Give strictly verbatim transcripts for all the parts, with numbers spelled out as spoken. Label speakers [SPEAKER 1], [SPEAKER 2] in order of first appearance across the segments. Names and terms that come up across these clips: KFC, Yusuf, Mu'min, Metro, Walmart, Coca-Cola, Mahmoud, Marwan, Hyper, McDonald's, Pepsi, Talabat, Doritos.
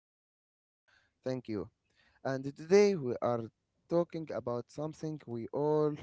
[SPEAKER 1] good, Marwan. Thank you. And today we are talking about something we all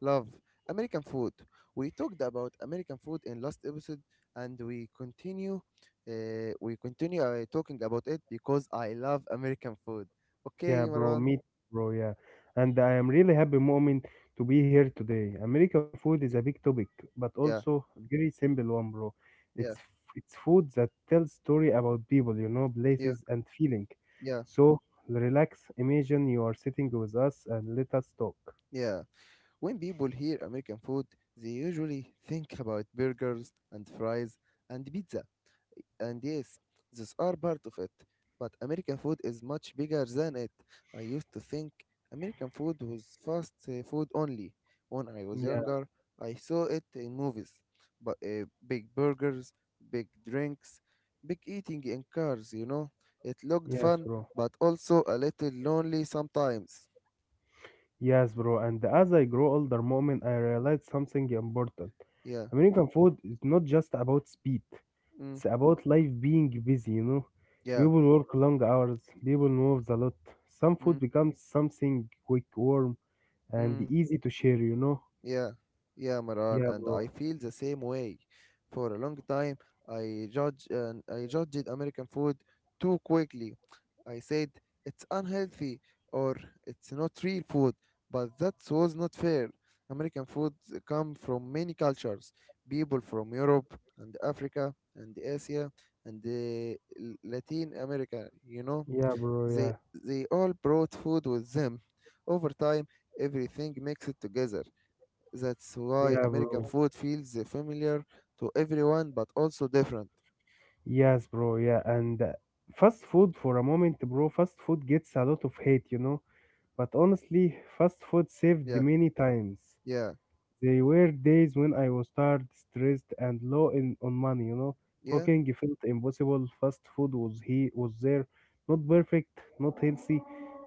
[SPEAKER 1] love, American food. We talked about American food in last episode and we continue uh, we continue uh, talking about it because I love American food. Okay,
[SPEAKER 2] Yeah, bro.
[SPEAKER 1] Marwan?
[SPEAKER 2] Me, too, bro. Yeah. And I am really happy, Mu'min, to be here today. American food is a
[SPEAKER 1] Y-
[SPEAKER 2] big topic, but
[SPEAKER 1] Yeah.
[SPEAKER 2] also very simple one, bro. It's
[SPEAKER 1] Yeah.
[SPEAKER 2] it's food that tells story about people, you know,
[SPEAKER 1] Yeah.
[SPEAKER 2] places and feeling.
[SPEAKER 1] Yeah.
[SPEAKER 2] So relax. Imagine you are sitting with us and let us talk.
[SPEAKER 1] Yeah. When people hear American food, they usually think about burgers and fries and pizza. And yes, those are part of it. But American food is much bigger than it. I used to think American food was fast uh, food only. When I was
[SPEAKER 2] Yeah.
[SPEAKER 1] younger, I saw it in movies. But uh, big burgers, big drinks, big eating in cars, you know. It looked
[SPEAKER 2] Yes,
[SPEAKER 1] fun,
[SPEAKER 2] bro.
[SPEAKER 1] but also a little lonely sometimes.
[SPEAKER 2] Yes, bro. And as I grow older, moment, I realized something important.
[SPEAKER 1] Yeah.
[SPEAKER 2] American food is not just about speed.
[SPEAKER 1] Mm,
[SPEAKER 2] It's about life being busy, you know.
[SPEAKER 1] yeah.
[SPEAKER 2] People work long hours, people move a lot. Some
[SPEAKER 1] Mm,
[SPEAKER 2] food becomes something quick, warm, and
[SPEAKER 1] mm.
[SPEAKER 2] easy to share, you know.
[SPEAKER 1] Yeah, yeah, Maran,
[SPEAKER 2] Yeah,
[SPEAKER 1] and
[SPEAKER 2] bro.
[SPEAKER 1] I feel the same way. For a long time, I judge and I judged American food too quickly. I said it's unhealthy or it's not real food, but that was not fair. American food come from many cultures, people from Europe and Africa and Asia and the L- Latin America. You know,
[SPEAKER 2] Yeah, bro.
[SPEAKER 1] they
[SPEAKER 2] Yeah.
[SPEAKER 1] they all brought food with them. Over time, everything mixed together. That's
[SPEAKER 2] Yeah,
[SPEAKER 1] why
[SPEAKER 2] bro.
[SPEAKER 1] American food feels familiar to everyone, but also different.
[SPEAKER 2] Yes, bro. Yeah. And uh, fast food for a moment, bro. Fast food gets a lot of hate, you know. But honestly, fast food saved
[SPEAKER 1] Yeah,
[SPEAKER 2] many times.
[SPEAKER 1] yeah,
[SPEAKER 2] There were days when I was tired, stressed, and low in on money, you know.
[SPEAKER 1] yeah,
[SPEAKER 2] Cooking felt impossible. Fast food was he was there, not perfect, not healthy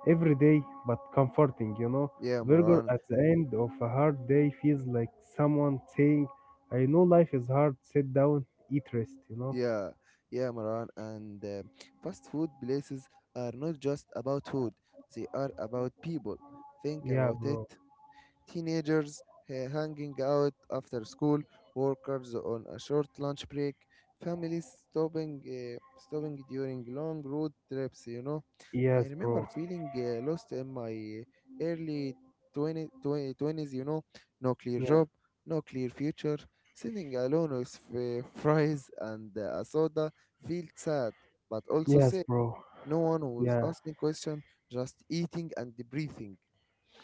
[SPEAKER 2] every day, but comforting, you know.
[SPEAKER 1] yeah,
[SPEAKER 2] A burger
[SPEAKER 1] Marwan.
[SPEAKER 2] at the end of a hard day feels like someone saying, I know life is hard, sit down, eat rest, you know.
[SPEAKER 1] Yeah, yeah, Marwan. And uh, fast food places are not just about food, they are about people. Think
[SPEAKER 2] Yeah,
[SPEAKER 1] about it.
[SPEAKER 2] bro.
[SPEAKER 1] Teenagers ha- hanging out after school, workers on a short lunch break, families stopping, uh, stopping during long road trips, you know. I
[SPEAKER 2] Yes,
[SPEAKER 1] remember
[SPEAKER 2] bro.
[SPEAKER 1] feeling uh, lost in my early twenty twenty twenties. You know, no clear
[SPEAKER 2] Yeah.
[SPEAKER 1] job, no clear future. Sitting alone with f- fries and uh, a soda felt sad, but also
[SPEAKER 2] Yes,
[SPEAKER 1] sad.
[SPEAKER 2] bro.
[SPEAKER 1] No one was
[SPEAKER 2] Yeah.
[SPEAKER 1] asking question, just eating and breathing.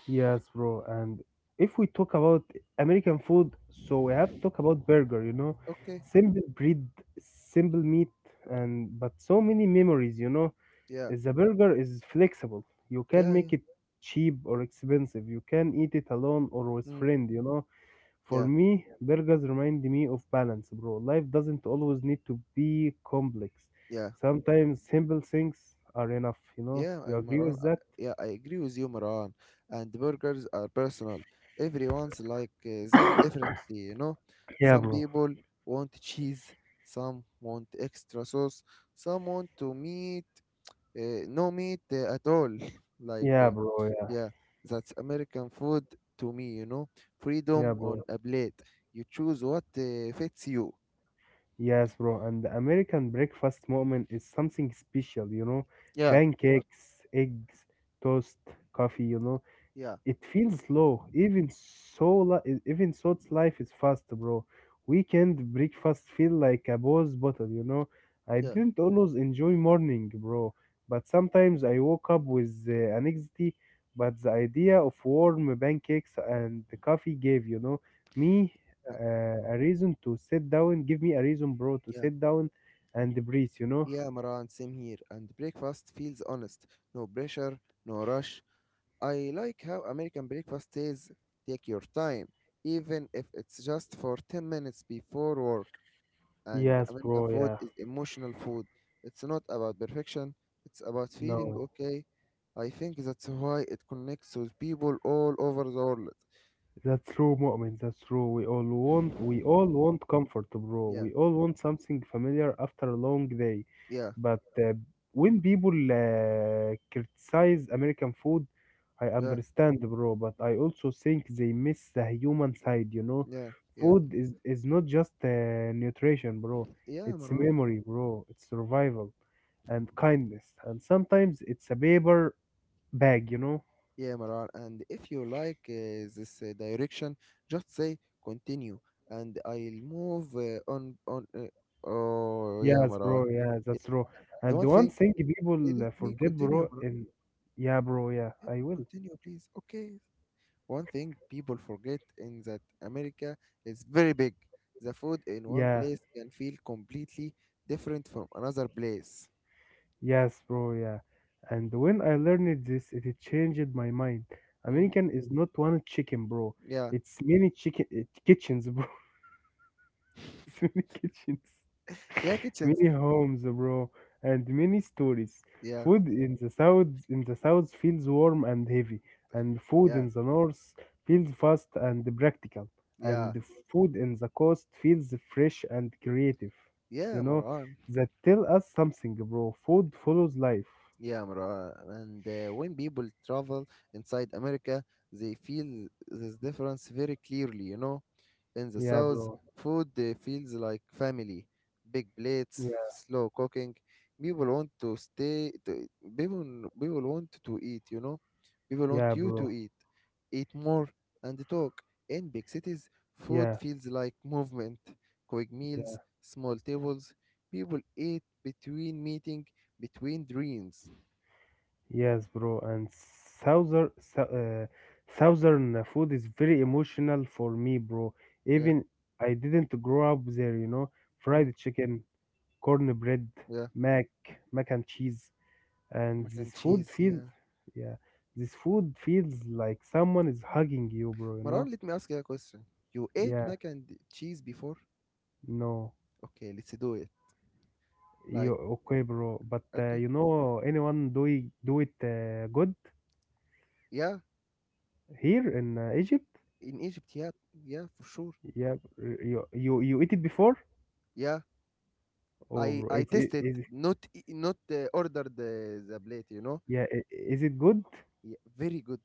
[SPEAKER 2] Yes, bro. And if we talk about American food, so we have to talk about burger, you know.
[SPEAKER 1] Okay,
[SPEAKER 2] Simple bread, simple meat, and but so many memories, you know.
[SPEAKER 1] yeah,
[SPEAKER 2] The burger is flexible. You
[SPEAKER 1] yeah,
[SPEAKER 2] can
[SPEAKER 1] yeah.
[SPEAKER 2] make it cheap or expensive. You can eat it alone or with
[SPEAKER 1] Mm,
[SPEAKER 2] friend, you know. For
[SPEAKER 1] yeah,
[SPEAKER 2] me, burgers remind me of balance, bro. Life doesn't always need to be complex.
[SPEAKER 1] yeah,
[SPEAKER 2] Sometimes simple things are enough, you know.
[SPEAKER 1] yeah,
[SPEAKER 2] You
[SPEAKER 1] uh,
[SPEAKER 2] agree
[SPEAKER 1] Marwan.
[SPEAKER 2] with
[SPEAKER 1] uh,
[SPEAKER 2] that?
[SPEAKER 1] Yeah, I agree with you, Marwan. And burgers are personal. Everyone's like uh, them differently, you know.
[SPEAKER 2] Yeah,
[SPEAKER 1] Some
[SPEAKER 2] bro.
[SPEAKER 1] people want cheese, some want extra sauce, some want to meat, uh, no meat uh, at all. Like,
[SPEAKER 2] Yeah,
[SPEAKER 1] uh,
[SPEAKER 2] bro. Yeah.
[SPEAKER 1] yeah, that's American food to me, you know.
[SPEAKER 2] Yeah,
[SPEAKER 1] Freedom
[SPEAKER 2] bro.
[SPEAKER 1] on a plate. You choose what uh, fits you.
[SPEAKER 2] Yes, bro, and the American breakfast moment is something special, you know.
[SPEAKER 1] Yeah,
[SPEAKER 2] Pancakes, eggs, toast, coffee, you know.
[SPEAKER 1] yeah,
[SPEAKER 2] It feels slow. Even so, li- e, even thought's life is fast, bro. Weekend breakfast feel like a pause bottle, you know. I
[SPEAKER 1] yeah,
[SPEAKER 2] didn't always enjoy morning, bro, but sometimes I woke up with uh, anxiety. But the idea of warm pancakes and the coffee gave, you know, me uh, a reason to sit down. Give me a reason, bro, to
[SPEAKER 1] yeah,
[SPEAKER 2] sit down and breathe, you know.
[SPEAKER 1] yeah, Maran, same here. And breakfast feels honest. No pressure, no rush. I like how American breakfast is take your time, even if it's just for 10 minutes before work. And
[SPEAKER 2] Yes,
[SPEAKER 1] American
[SPEAKER 2] bro.
[SPEAKER 1] food
[SPEAKER 2] Yeah.
[SPEAKER 1] is emotional food. It's not about perfection, it's about feeling
[SPEAKER 2] No.
[SPEAKER 1] okay. I think that's why it connects with people all over the world.
[SPEAKER 2] That's true, Mu'min. That's true. We all want, we all want comfort, bro.
[SPEAKER 1] Yeah,
[SPEAKER 2] We all want something familiar after a long day.
[SPEAKER 1] yeah,
[SPEAKER 2] But uh, when people uh, criticize American food, I
[SPEAKER 1] yeah,
[SPEAKER 2] understand, bro. But I also think they miss the human side. You know,
[SPEAKER 1] yeah, yeah.
[SPEAKER 2] food is is not just uh, nutrition, bro.
[SPEAKER 1] Yeah,
[SPEAKER 2] It's
[SPEAKER 1] Maran.
[SPEAKER 2] memory, bro. It's survival and kindness, and sometimes it's a paper bag. You know.
[SPEAKER 1] Yeah, Maran. And if you like uh, this uh, direction, just say continue, and I'll move uh, on. On. Uh, oh, yeah,
[SPEAKER 2] Yes,
[SPEAKER 1] Maran.
[SPEAKER 2] bro. Yeah,
[SPEAKER 1] Yeah.
[SPEAKER 2] that's true.
[SPEAKER 1] The
[SPEAKER 2] And
[SPEAKER 1] one
[SPEAKER 2] the one
[SPEAKER 1] thing,
[SPEAKER 2] thing
[SPEAKER 1] eh,
[SPEAKER 2] people
[SPEAKER 1] let
[SPEAKER 2] uh,
[SPEAKER 1] me
[SPEAKER 2] forget,
[SPEAKER 1] continue,
[SPEAKER 2] bro,
[SPEAKER 1] Maran.
[SPEAKER 2] in yeah, bro. Yeah,
[SPEAKER 1] Let
[SPEAKER 2] I
[SPEAKER 1] me
[SPEAKER 2] will.
[SPEAKER 1] continue, please. Okay. One thing people forget in that America is very big. The food in one
[SPEAKER 2] Yeah,
[SPEAKER 1] place can feel completely different from another place.
[SPEAKER 2] yes, bro. Yeah. And when I learned this, it changed my mind.
[SPEAKER 1] Mm,
[SPEAKER 2] American is not one chicken, bro.
[SPEAKER 1] yeah.
[SPEAKER 2] It's many chicken uh, kitchens, bro. It's many kitchens.
[SPEAKER 1] Yeah, kitchens.
[SPEAKER 2] many homes, bro, and many stories.
[SPEAKER 1] Yeah,
[SPEAKER 2] Food in the south in the south feels warm and heavy, and food
[SPEAKER 1] yeah,
[SPEAKER 2] in the north feels fast and practical, and
[SPEAKER 1] yeah,
[SPEAKER 2] food in the coast feels fresh and creative. You
[SPEAKER 1] yeah,
[SPEAKER 2] know,
[SPEAKER 1] Maran.
[SPEAKER 2] that tell us something, bro. Food follows life.
[SPEAKER 1] Yeah, Marwa. And uh, when people travel inside America, they feel this difference very clearly, you know. In the
[SPEAKER 2] Yeah,
[SPEAKER 1] South,
[SPEAKER 2] bro.
[SPEAKER 1] food uh, feels like family, big plates,
[SPEAKER 2] Yeah,
[SPEAKER 1] slow cooking. People want to stay, to, people, people want to eat, you know. People want
[SPEAKER 2] yeah,
[SPEAKER 1] you to
[SPEAKER 2] bro.
[SPEAKER 1] eat, eat more, and talk. In big cities, food
[SPEAKER 2] Yeah.
[SPEAKER 1] feels like movement, quick
[SPEAKER 2] Yeah.
[SPEAKER 1] meals, small tables. People eat between meeting, between dreams.
[SPEAKER 2] Yes, bro. And southern sou- uh, southern food is very emotional for me, bro.
[SPEAKER 1] Yeah.
[SPEAKER 2] Even I didn't grow up there, you know.
[SPEAKER 1] Mm,
[SPEAKER 2] Fried chicken, cornbread,
[SPEAKER 1] yeah.
[SPEAKER 2] mac, mac and cheese, and
[SPEAKER 1] Mac and
[SPEAKER 2] this food
[SPEAKER 1] cheese.
[SPEAKER 2] feels,
[SPEAKER 1] Yeah.
[SPEAKER 2] yeah, this food feels like someone is hugging you, bro. You
[SPEAKER 1] Maran,
[SPEAKER 2] know?
[SPEAKER 1] let me ask you a question. You ate
[SPEAKER 2] Yeah.
[SPEAKER 1] mac and cheese before?
[SPEAKER 2] No.
[SPEAKER 1] Okay, let's do it.
[SPEAKER 2] You
[SPEAKER 1] Like,
[SPEAKER 2] okay, bro? But uh,
[SPEAKER 1] okay.
[SPEAKER 2] you know, anyone do it, do it uh, good
[SPEAKER 1] Yeah.
[SPEAKER 2] here in uh, Egypt?
[SPEAKER 1] In Egypt, yeah. Yeah, for sure.
[SPEAKER 2] Yeah. You you you eat it before?
[SPEAKER 1] Yeah.
[SPEAKER 2] Oh,
[SPEAKER 1] I
[SPEAKER 2] bro,
[SPEAKER 1] I
[SPEAKER 2] it's it
[SPEAKER 1] tasted
[SPEAKER 2] is it-
[SPEAKER 1] not e- not uh, ordered the the plate, you know.
[SPEAKER 2] yeah, i- is it good?
[SPEAKER 1] Yeah, very good.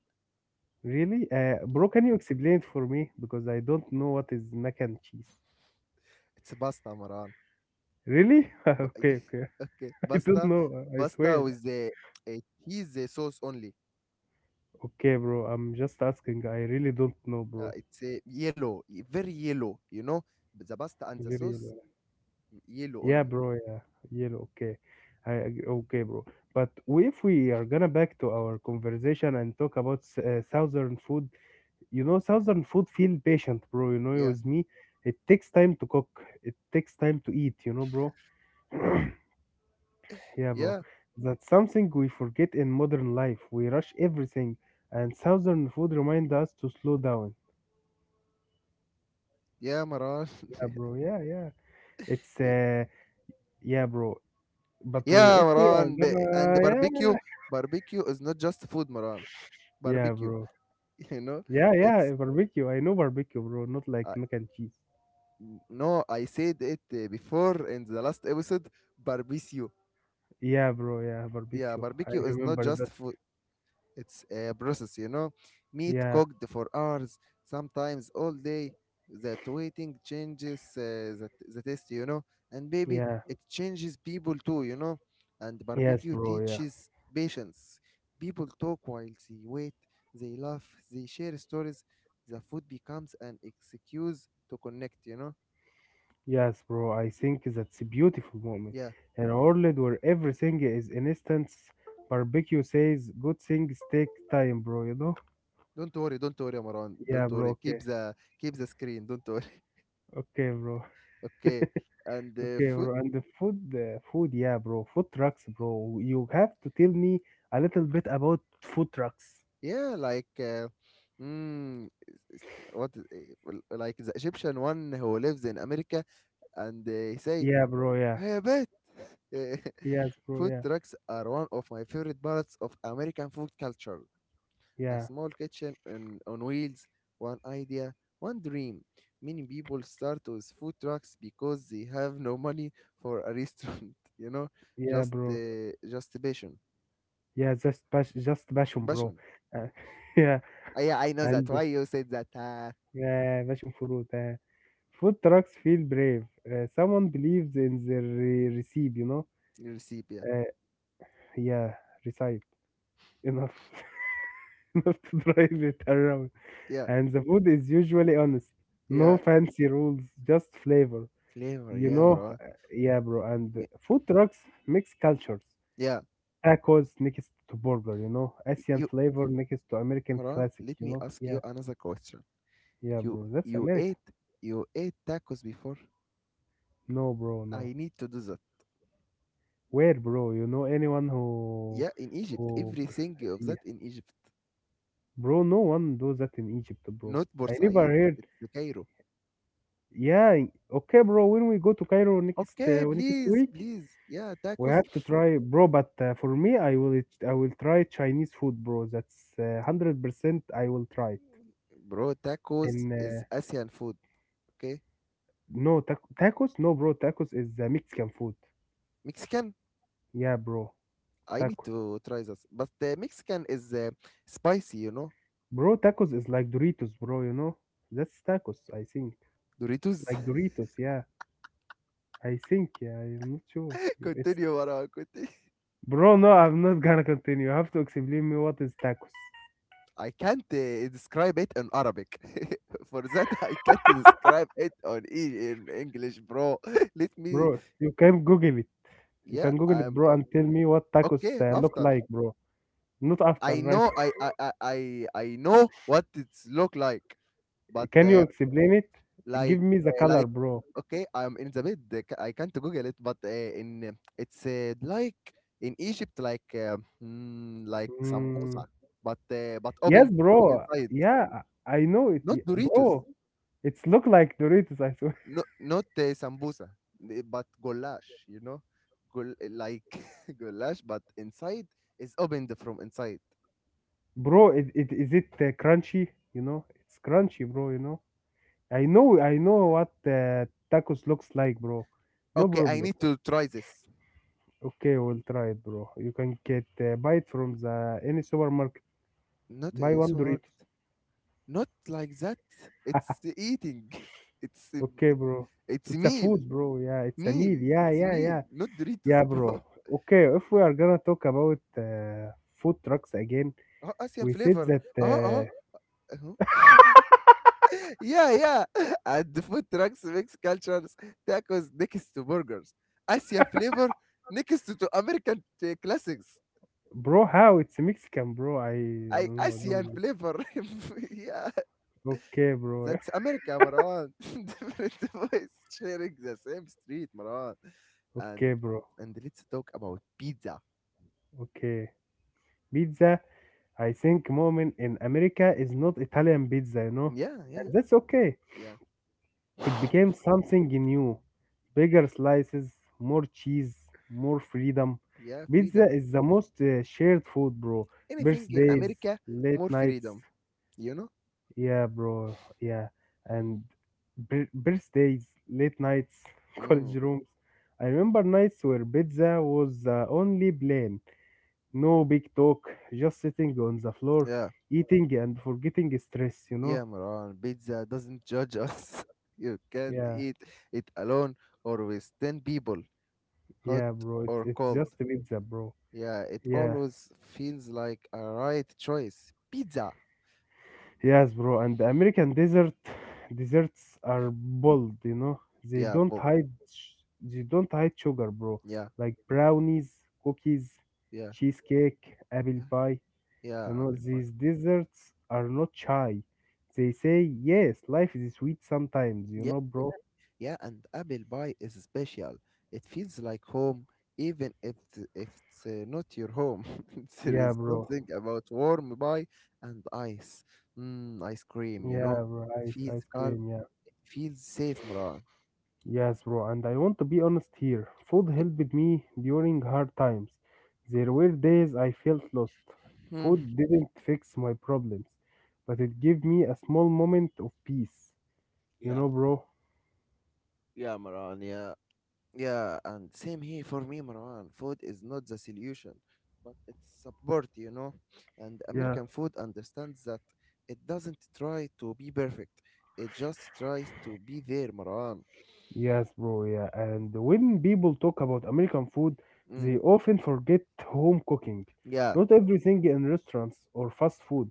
[SPEAKER 2] Really? Uh,
[SPEAKER 1] Yeah.
[SPEAKER 2] bro, can you explain it for me? Because I don't know what is mac and cheese.
[SPEAKER 1] It's pasta, Maran.
[SPEAKER 2] Really?
[SPEAKER 1] But,
[SPEAKER 2] Okay, okay.
[SPEAKER 1] okay,
[SPEAKER 2] I don't
[SPEAKER 1] pasta,
[SPEAKER 2] know. I
[SPEAKER 1] pasta
[SPEAKER 2] swear.
[SPEAKER 1] with the uh, cheese uh, sauce only.
[SPEAKER 2] Okay, bro. I'm just asking. I really don't know,
[SPEAKER 1] Uh,
[SPEAKER 2] bro.
[SPEAKER 1] it's uh, yellow, y- very yellow, you know. But the pasta and the
[SPEAKER 2] Very
[SPEAKER 1] sauce,
[SPEAKER 2] yellow.
[SPEAKER 1] yellow
[SPEAKER 2] Yeah,
[SPEAKER 1] only.
[SPEAKER 2] bro. Yeah, yellow. Okay. I ag- okay, bro. But we- if we are gonna back to our conversation and talk about s- uh, southern food, You know, southern food feel patient, bro. You know,
[SPEAKER 1] Yeah.
[SPEAKER 2] with me, it takes time to cook. It takes time to eat. You know, bro. yeah, bro.
[SPEAKER 1] Yeah,
[SPEAKER 2] That's something we forget in modern life. We rush everything, and southern food remind us to slow down.
[SPEAKER 1] yeah, Maran.
[SPEAKER 2] Yeah, bro. Yeah, yeah. It's uh, yeah, bro. But we,
[SPEAKER 1] Yeah,
[SPEAKER 2] if we are
[SPEAKER 1] Maran. B- and the
[SPEAKER 2] gonna,
[SPEAKER 1] barbecue,
[SPEAKER 2] yeah,
[SPEAKER 1] barbecue is not just food, Maran.
[SPEAKER 2] yeah,
[SPEAKER 1] Barbecue,
[SPEAKER 2] bro.
[SPEAKER 1] you know,
[SPEAKER 2] Yeah, yeah,
[SPEAKER 1] it's
[SPEAKER 2] barbecue. I know barbecue, bro. Not like
[SPEAKER 1] uh,
[SPEAKER 2] mac and cheese.
[SPEAKER 1] no, I said it uh, before in the last episode. Barbecue,
[SPEAKER 2] Yeah, bro. Yeah,
[SPEAKER 1] yeah,
[SPEAKER 2] barbecue. I
[SPEAKER 1] barbecue is not
[SPEAKER 2] remember that.
[SPEAKER 1] just food. It's a process, you know. Meat
[SPEAKER 2] Yeah,
[SPEAKER 1] cooked for hours, sometimes all day. That waiting changes uh, the, the taste, you know. And baby,
[SPEAKER 2] yeah.
[SPEAKER 1] it changes people too, you know. And
[SPEAKER 2] Yes,
[SPEAKER 1] barbecue
[SPEAKER 2] bro. Yeah.
[SPEAKER 1] teaches patience. People talk while they wait, they laugh, they share stories. The food becomes an excuse to connect, you know.
[SPEAKER 2] Yes, bro, I think that's a beautiful moment.
[SPEAKER 1] Yeah.
[SPEAKER 2] In a world where everything is instant, barbecue says good things take time, bro, you know?
[SPEAKER 1] Don't worry, don't worry, Amaran.
[SPEAKER 2] Yeah,
[SPEAKER 1] Don't
[SPEAKER 2] bro,
[SPEAKER 1] worry.
[SPEAKER 2] okay.
[SPEAKER 1] Keep the keep the screen. Don't worry.
[SPEAKER 2] Okay, bro.
[SPEAKER 1] Okay. And uh,
[SPEAKER 2] Okay,
[SPEAKER 1] food
[SPEAKER 2] bro. And the food, uh, food, yeah, bro. Food trucks, bro. You have to tell me a little bit about food trucks.
[SPEAKER 1] yeah, like, uh, mm, what is- eh, well, like the Egyptian one who lives in America and they say,
[SPEAKER 2] Yeah, bro, yeah.
[SPEAKER 1] "Hey, bet."
[SPEAKER 2] Yes, bro,
[SPEAKER 1] Food
[SPEAKER 2] yeah.
[SPEAKER 1] trucks are one of my favorite parts of American food culture. A
[SPEAKER 2] Yeah,
[SPEAKER 1] small kitchen on, on wheels, one idea, one dream. Many people start with food trucks because they have no money for a restaurant, you know,
[SPEAKER 2] yeah,
[SPEAKER 1] just
[SPEAKER 2] bro.
[SPEAKER 1] uh, just passion.
[SPEAKER 2] Yeah, just pas- just passion, bro.
[SPEAKER 1] Passion.
[SPEAKER 2] Uh, yeah,
[SPEAKER 1] Ah, yeah, I know
[SPEAKER 2] and
[SPEAKER 1] that. Why you said that? Uh,
[SPEAKER 2] يا باشا فروتة food trucks feel brave. Uh, someone believes in the re- receipt, you know.
[SPEAKER 1] recipe.
[SPEAKER 2] Uh, yeah, receipt enough enough to drive it around.
[SPEAKER 1] Yeah,
[SPEAKER 2] And the food is usually honest.
[SPEAKER 1] yeah,
[SPEAKER 2] No fancy rules, just flavor.
[SPEAKER 1] flavor.
[SPEAKER 2] You
[SPEAKER 1] Yeah,
[SPEAKER 2] know,
[SPEAKER 1] Marwan.
[SPEAKER 2] uh, yeah, bro. And
[SPEAKER 1] Yeah,
[SPEAKER 2] food trucks mix cultures.
[SPEAKER 1] yeah.
[SPEAKER 2] Tacos next to burger, you know.
[SPEAKER 1] y-
[SPEAKER 2] Asian
[SPEAKER 1] You,
[SPEAKER 2] flavor next to American
[SPEAKER 1] Marwan.
[SPEAKER 2] classic,
[SPEAKER 1] Let
[SPEAKER 2] you
[SPEAKER 1] me
[SPEAKER 2] know.
[SPEAKER 1] ask you
[SPEAKER 2] Yeah,
[SPEAKER 1] another question.
[SPEAKER 2] yeah,
[SPEAKER 1] You,
[SPEAKER 2] bro. That's
[SPEAKER 1] you
[SPEAKER 2] America.
[SPEAKER 1] ate, you ate tacos before.
[SPEAKER 2] No, bro, no.
[SPEAKER 1] I need to do that.
[SPEAKER 2] Where, bro? You know anyone who
[SPEAKER 1] Yeah, in Egypt,
[SPEAKER 2] who
[SPEAKER 1] everything of
[SPEAKER 2] yeah.
[SPEAKER 1] that in Egypt,
[SPEAKER 2] Bro, no one does that in Egypt, bro.
[SPEAKER 1] not
[SPEAKER 2] I never
[SPEAKER 1] Bursaid.
[SPEAKER 2] heard.
[SPEAKER 1] It's the Cairo.
[SPEAKER 2] Yeah, okay, bro. When we go to Cairo next
[SPEAKER 1] Okay,
[SPEAKER 2] uh, next
[SPEAKER 1] please,
[SPEAKER 2] week,
[SPEAKER 1] please. Yeah,
[SPEAKER 2] we
[SPEAKER 1] tacos,
[SPEAKER 2] have to try, bro. But uh, for me, I will I will try Chinese food, bro. That's uh, one hundred percent I will try it.
[SPEAKER 1] bro. Tacos
[SPEAKER 2] And
[SPEAKER 1] is
[SPEAKER 2] uh,
[SPEAKER 1] Asian food. Okay,
[SPEAKER 2] no tac tacos? No, bro. Tacos is uh, Mexican food.
[SPEAKER 1] Mexican.
[SPEAKER 2] Yeah, bro.
[SPEAKER 1] I need
[SPEAKER 2] Tacos.
[SPEAKER 1] to try this, but the Mexican is uh, spicy. You know,
[SPEAKER 2] Bro, tacos is like Doritos, bro, you know? That's tacos, I think. It's
[SPEAKER 1] Doritos.
[SPEAKER 2] like Doritos, yeah. I think, yeah, I'm not sure. It's
[SPEAKER 1] Continue, Marwan. Continue.
[SPEAKER 2] bro. No, I'm not gonna continue. You have to explain me what is tacos,
[SPEAKER 1] I can't uh, describe it in Arabic. For that, I can't describe it on e- in English, bro. Let me.
[SPEAKER 2] bro. You can Google it. You
[SPEAKER 1] Yeah,
[SPEAKER 2] can Google it,
[SPEAKER 1] I'm
[SPEAKER 2] bro,
[SPEAKER 1] o-
[SPEAKER 2] and tell me what tacos
[SPEAKER 1] okay.
[SPEAKER 2] uh, look
[SPEAKER 1] After
[SPEAKER 2] like, bro. Not after,
[SPEAKER 1] I
[SPEAKER 2] right?
[SPEAKER 1] know, I I I I I know what it's look like, but
[SPEAKER 2] Can you
[SPEAKER 1] uh,
[SPEAKER 2] explain it? Give
[SPEAKER 1] like
[SPEAKER 2] me the
[SPEAKER 1] uh,
[SPEAKER 2] color,
[SPEAKER 1] like
[SPEAKER 2] bro.
[SPEAKER 1] okay, I'm in the bed. uh, ca- I can't Google it, but uh, in uh, it's uh, like in Egypt, like uh, mm, like
[SPEAKER 2] Mm.
[SPEAKER 1] sambusa, but uh, but
[SPEAKER 2] Yes,
[SPEAKER 1] opened from
[SPEAKER 2] bro.
[SPEAKER 1] inside,
[SPEAKER 2] Yeah, I know it,
[SPEAKER 1] not
[SPEAKER 2] y-
[SPEAKER 1] Doritos.
[SPEAKER 2] bro. It's look like Doritos, I swear,
[SPEAKER 1] No, not the sambusa, the- but goulash, you know, Goul- like goulash, but inside is opened from inside.
[SPEAKER 2] bro. It, it is it uh, crunchy? You know, it's crunchy, bro. You know. I know, I know what uh, tacos looks like, bro. No
[SPEAKER 1] Okay, I
[SPEAKER 2] problem.
[SPEAKER 1] need to try this.
[SPEAKER 2] Okay, we'll try it, bro. You can get uh, buy it from the any supermarket.
[SPEAKER 1] Not in
[SPEAKER 2] Buy
[SPEAKER 1] a
[SPEAKER 2] one Doritos.
[SPEAKER 1] supermarket. Not like that. It's eating. It's uh,
[SPEAKER 2] Okay, bro.
[SPEAKER 1] it's
[SPEAKER 2] It's a
[SPEAKER 1] meal,
[SPEAKER 2] food, bro. Yeah, it's a meal.
[SPEAKER 1] meal.
[SPEAKER 2] Yeah,
[SPEAKER 1] It's
[SPEAKER 2] yeah,
[SPEAKER 1] meal.
[SPEAKER 2] yeah,
[SPEAKER 1] Not Doritos,
[SPEAKER 2] yeah, bro.
[SPEAKER 1] bro.
[SPEAKER 2] Okay, if we are gonna talk about uh, food trucks again,
[SPEAKER 1] Oh, Asian
[SPEAKER 2] we said
[SPEAKER 1] flavor.
[SPEAKER 2] that,
[SPEAKER 1] Oh, oh.
[SPEAKER 2] uh,
[SPEAKER 1] Uh-huh. Yeah, yeah. And the food trucks mix cultures, tacos next to burgers. Asian flavor next to to American uh, classics.
[SPEAKER 2] bro. How it's Mexican, bro. I
[SPEAKER 1] I
[SPEAKER 2] no, I don't
[SPEAKER 1] Asian
[SPEAKER 2] know.
[SPEAKER 1] flavor. Yeah,
[SPEAKER 2] Okay, bro.
[SPEAKER 1] that's America, Maran. Different voice sharing the same street, Maran. And
[SPEAKER 2] Okay, bro.
[SPEAKER 1] and let's talk about pizza.
[SPEAKER 2] Okay, pizza. I think moment in America is not Italian pizza, you know,
[SPEAKER 1] Yeah, yeah,
[SPEAKER 2] and that's okay.
[SPEAKER 1] yeah,
[SPEAKER 2] It became something new, bigger slices, more cheese, more freedom.
[SPEAKER 1] yeah.
[SPEAKER 2] Pizza
[SPEAKER 1] Freedom.
[SPEAKER 2] is the most uh, shared food, bro.
[SPEAKER 1] Anything in
[SPEAKER 2] Birthdays,
[SPEAKER 1] America,
[SPEAKER 2] late
[SPEAKER 1] more
[SPEAKER 2] nights,
[SPEAKER 1] freedom. You know?
[SPEAKER 2] yeah, bro, yeah, and bir- birthdays, late nights, college
[SPEAKER 1] Mm,
[SPEAKER 2] rooms. I remember nights where pizza was the only blame. No big talk, just sitting on the floor,
[SPEAKER 1] yeah,
[SPEAKER 2] eating and forgetting stress, you
[SPEAKER 1] yeah,
[SPEAKER 2] know?
[SPEAKER 1] Maran. Pizza doesn't judge us. You can't
[SPEAKER 2] Yeah,
[SPEAKER 1] eat it alone or with ten people, hot
[SPEAKER 2] yeah, bro. It,
[SPEAKER 1] or
[SPEAKER 2] it's
[SPEAKER 1] cold.
[SPEAKER 2] just pizza, bro.
[SPEAKER 1] Yeah, it
[SPEAKER 2] Yeah,
[SPEAKER 1] always feels like a right choice. Pizza.
[SPEAKER 2] yes, bro. And the American desert desserts are bold, you know? They
[SPEAKER 1] Yeah,
[SPEAKER 2] don't
[SPEAKER 1] bull.
[SPEAKER 2] hide, sh- they don't hide sugar, bro.
[SPEAKER 1] Yeah,
[SPEAKER 2] Like brownies, cookies,
[SPEAKER 1] yeah,
[SPEAKER 2] cheesecake, apple
[SPEAKER 1] yeah,
[SPEAKER 2] pie. You
[SPEAKER 1] yeah,
[SPEAKER 2] know,
[SPEAKER 1] apple pie.
[SPEAKER 2] these desserts are not shy. They say, yes, life is sweet sometimes, you
[SPEAKER 1] Yeah,
[SPEAKER 2] know, bro?
[SPEAKER 1] yeah, and apple pie is special. It feels like home, even if th- if it's uh, not your home. There
[SPEAKER 2] Yeah,
[SPEAKER 1] is
[SPEAKER 2] bro.
[SPEAKER 1] something about warm pie and ice. Mm, ice cream, you
[SPEAKER 2] Yeah,
[SPEAKER 1] know.
[SPEAKER 2] rice,
[SPEAKER 1] Feels
[SPEAKER 2] ice
[SPEAKER 1] calm.
[SPEAKER 2] cream, yeah.
[SPEAKER 1] Feels safe, Maran.
[SPEAKER 2] Yes, bro, and I want to be honest here. Food
[SPEAKER 1] Okay.
[SPEAKER 2] helped me during hard times. There were days I felt lost.
[SPEAKER 1] Hmm.
[SPEAKER 2] Food didn't fix my problems, but it gave me a small moment of peace. You
[SPEAKER 1] Yeah.
[SPEAKER 2] know, bro?
[SPEAKER 1] Yeah, Maran. Yeah. Yeah, and same here for me, Marwan. Food is not the solution, but it's support, you know. And
[SPEAKER 2] Yeah.
[SPEAKER 1] American food understands that it doesn't try to be perfect. It just tries to be there, Marwan.
[SPEAKER 2] Yes, bro, yeah. And when people talk about American food,
[SPEAKER 1] Mm,
[SPEAKER 2] they often forget home cooking.
[SPEAKER 1] yeah,
[SPEAKER 2] Not everything in restaurants or fast food.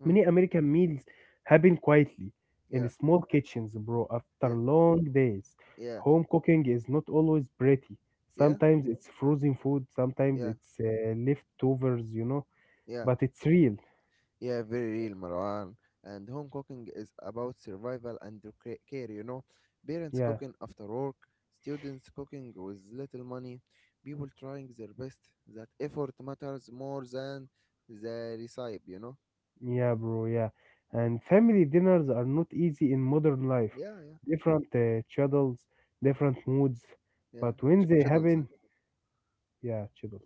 [SPEAKER 1] mm,
[SPEAKER 2] Many American meals happen quietly in
[SPEAKER 1] yeah,
[SPEAKER 2] small kitchens, bro, after
[SPEAKER 1] yeah,
[SPEAKER 2] long days.
[SPEAKER 1] yeah,
[SPEAKER 2] Home cooking is not always pretty.
[SPEAKER 1] yeah,
[SPEAKER 2] Sometimes it's frozen food, sometimes
[SPEAKER 1] yeah,
[SPEAKER 2] it's uh, leftovers, you know,
[SPEAKER 1] yeah.
[SPEAKER 2] but it's real.
[SPEAKER 1] Yeah, very real, Marwan. And home cooking is about survival and the ca- care, you know. Parents
[SPEAKER 2] Yeah,
[SPEAKER 1] cooking after work, students cooking with little money, people trying their best. That effort matters more than the recipe, you know.
[SPEAKER 2] yeah, bro, yeah. And family dinners are not easy in modern life.
[SPEAKER 1] Yeah, yeah,
[SPEAKER 2] Different uh, schedules, different moods,
[SPEAKER 1] yeah.
[SPEAKER 2] but when
[SPEAKER 1] Ch-
[SPEAKER 2] they
[SPEAKER 1] Schedule
[SPEAKER 2] happen,
[SPEAKER 1] that.
[SPEAKER 2] yeah, schedules.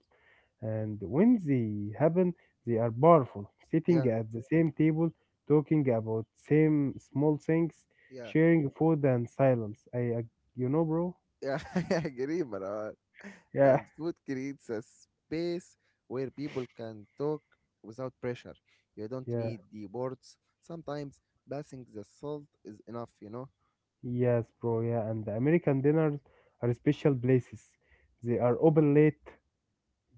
[SPEAKER 2] And when they happen, they are powerful. Sitting
[SPEAKER 1] Yeah,
[SPEAKER 2] at the same table, talking about same small things,
[SPEAKER 1] yeah.
[SPEAKER 2] sharing food and silence. I, ag- you know, bro.
[SPEAKER 1] Yeah, I agree, Maran.
[SPEAKER 2] Yeah.
[SPEAKER 1] And food creates a space where people can talk without pressure. You don't
[SPEAKER 2] Yeah,
[SPEAKER 1] need the words. Sometimes passing the salt is enough, you know?
[SPEAKER 2] yes, bro. Yeah, and the American dinners are special places. They are open late.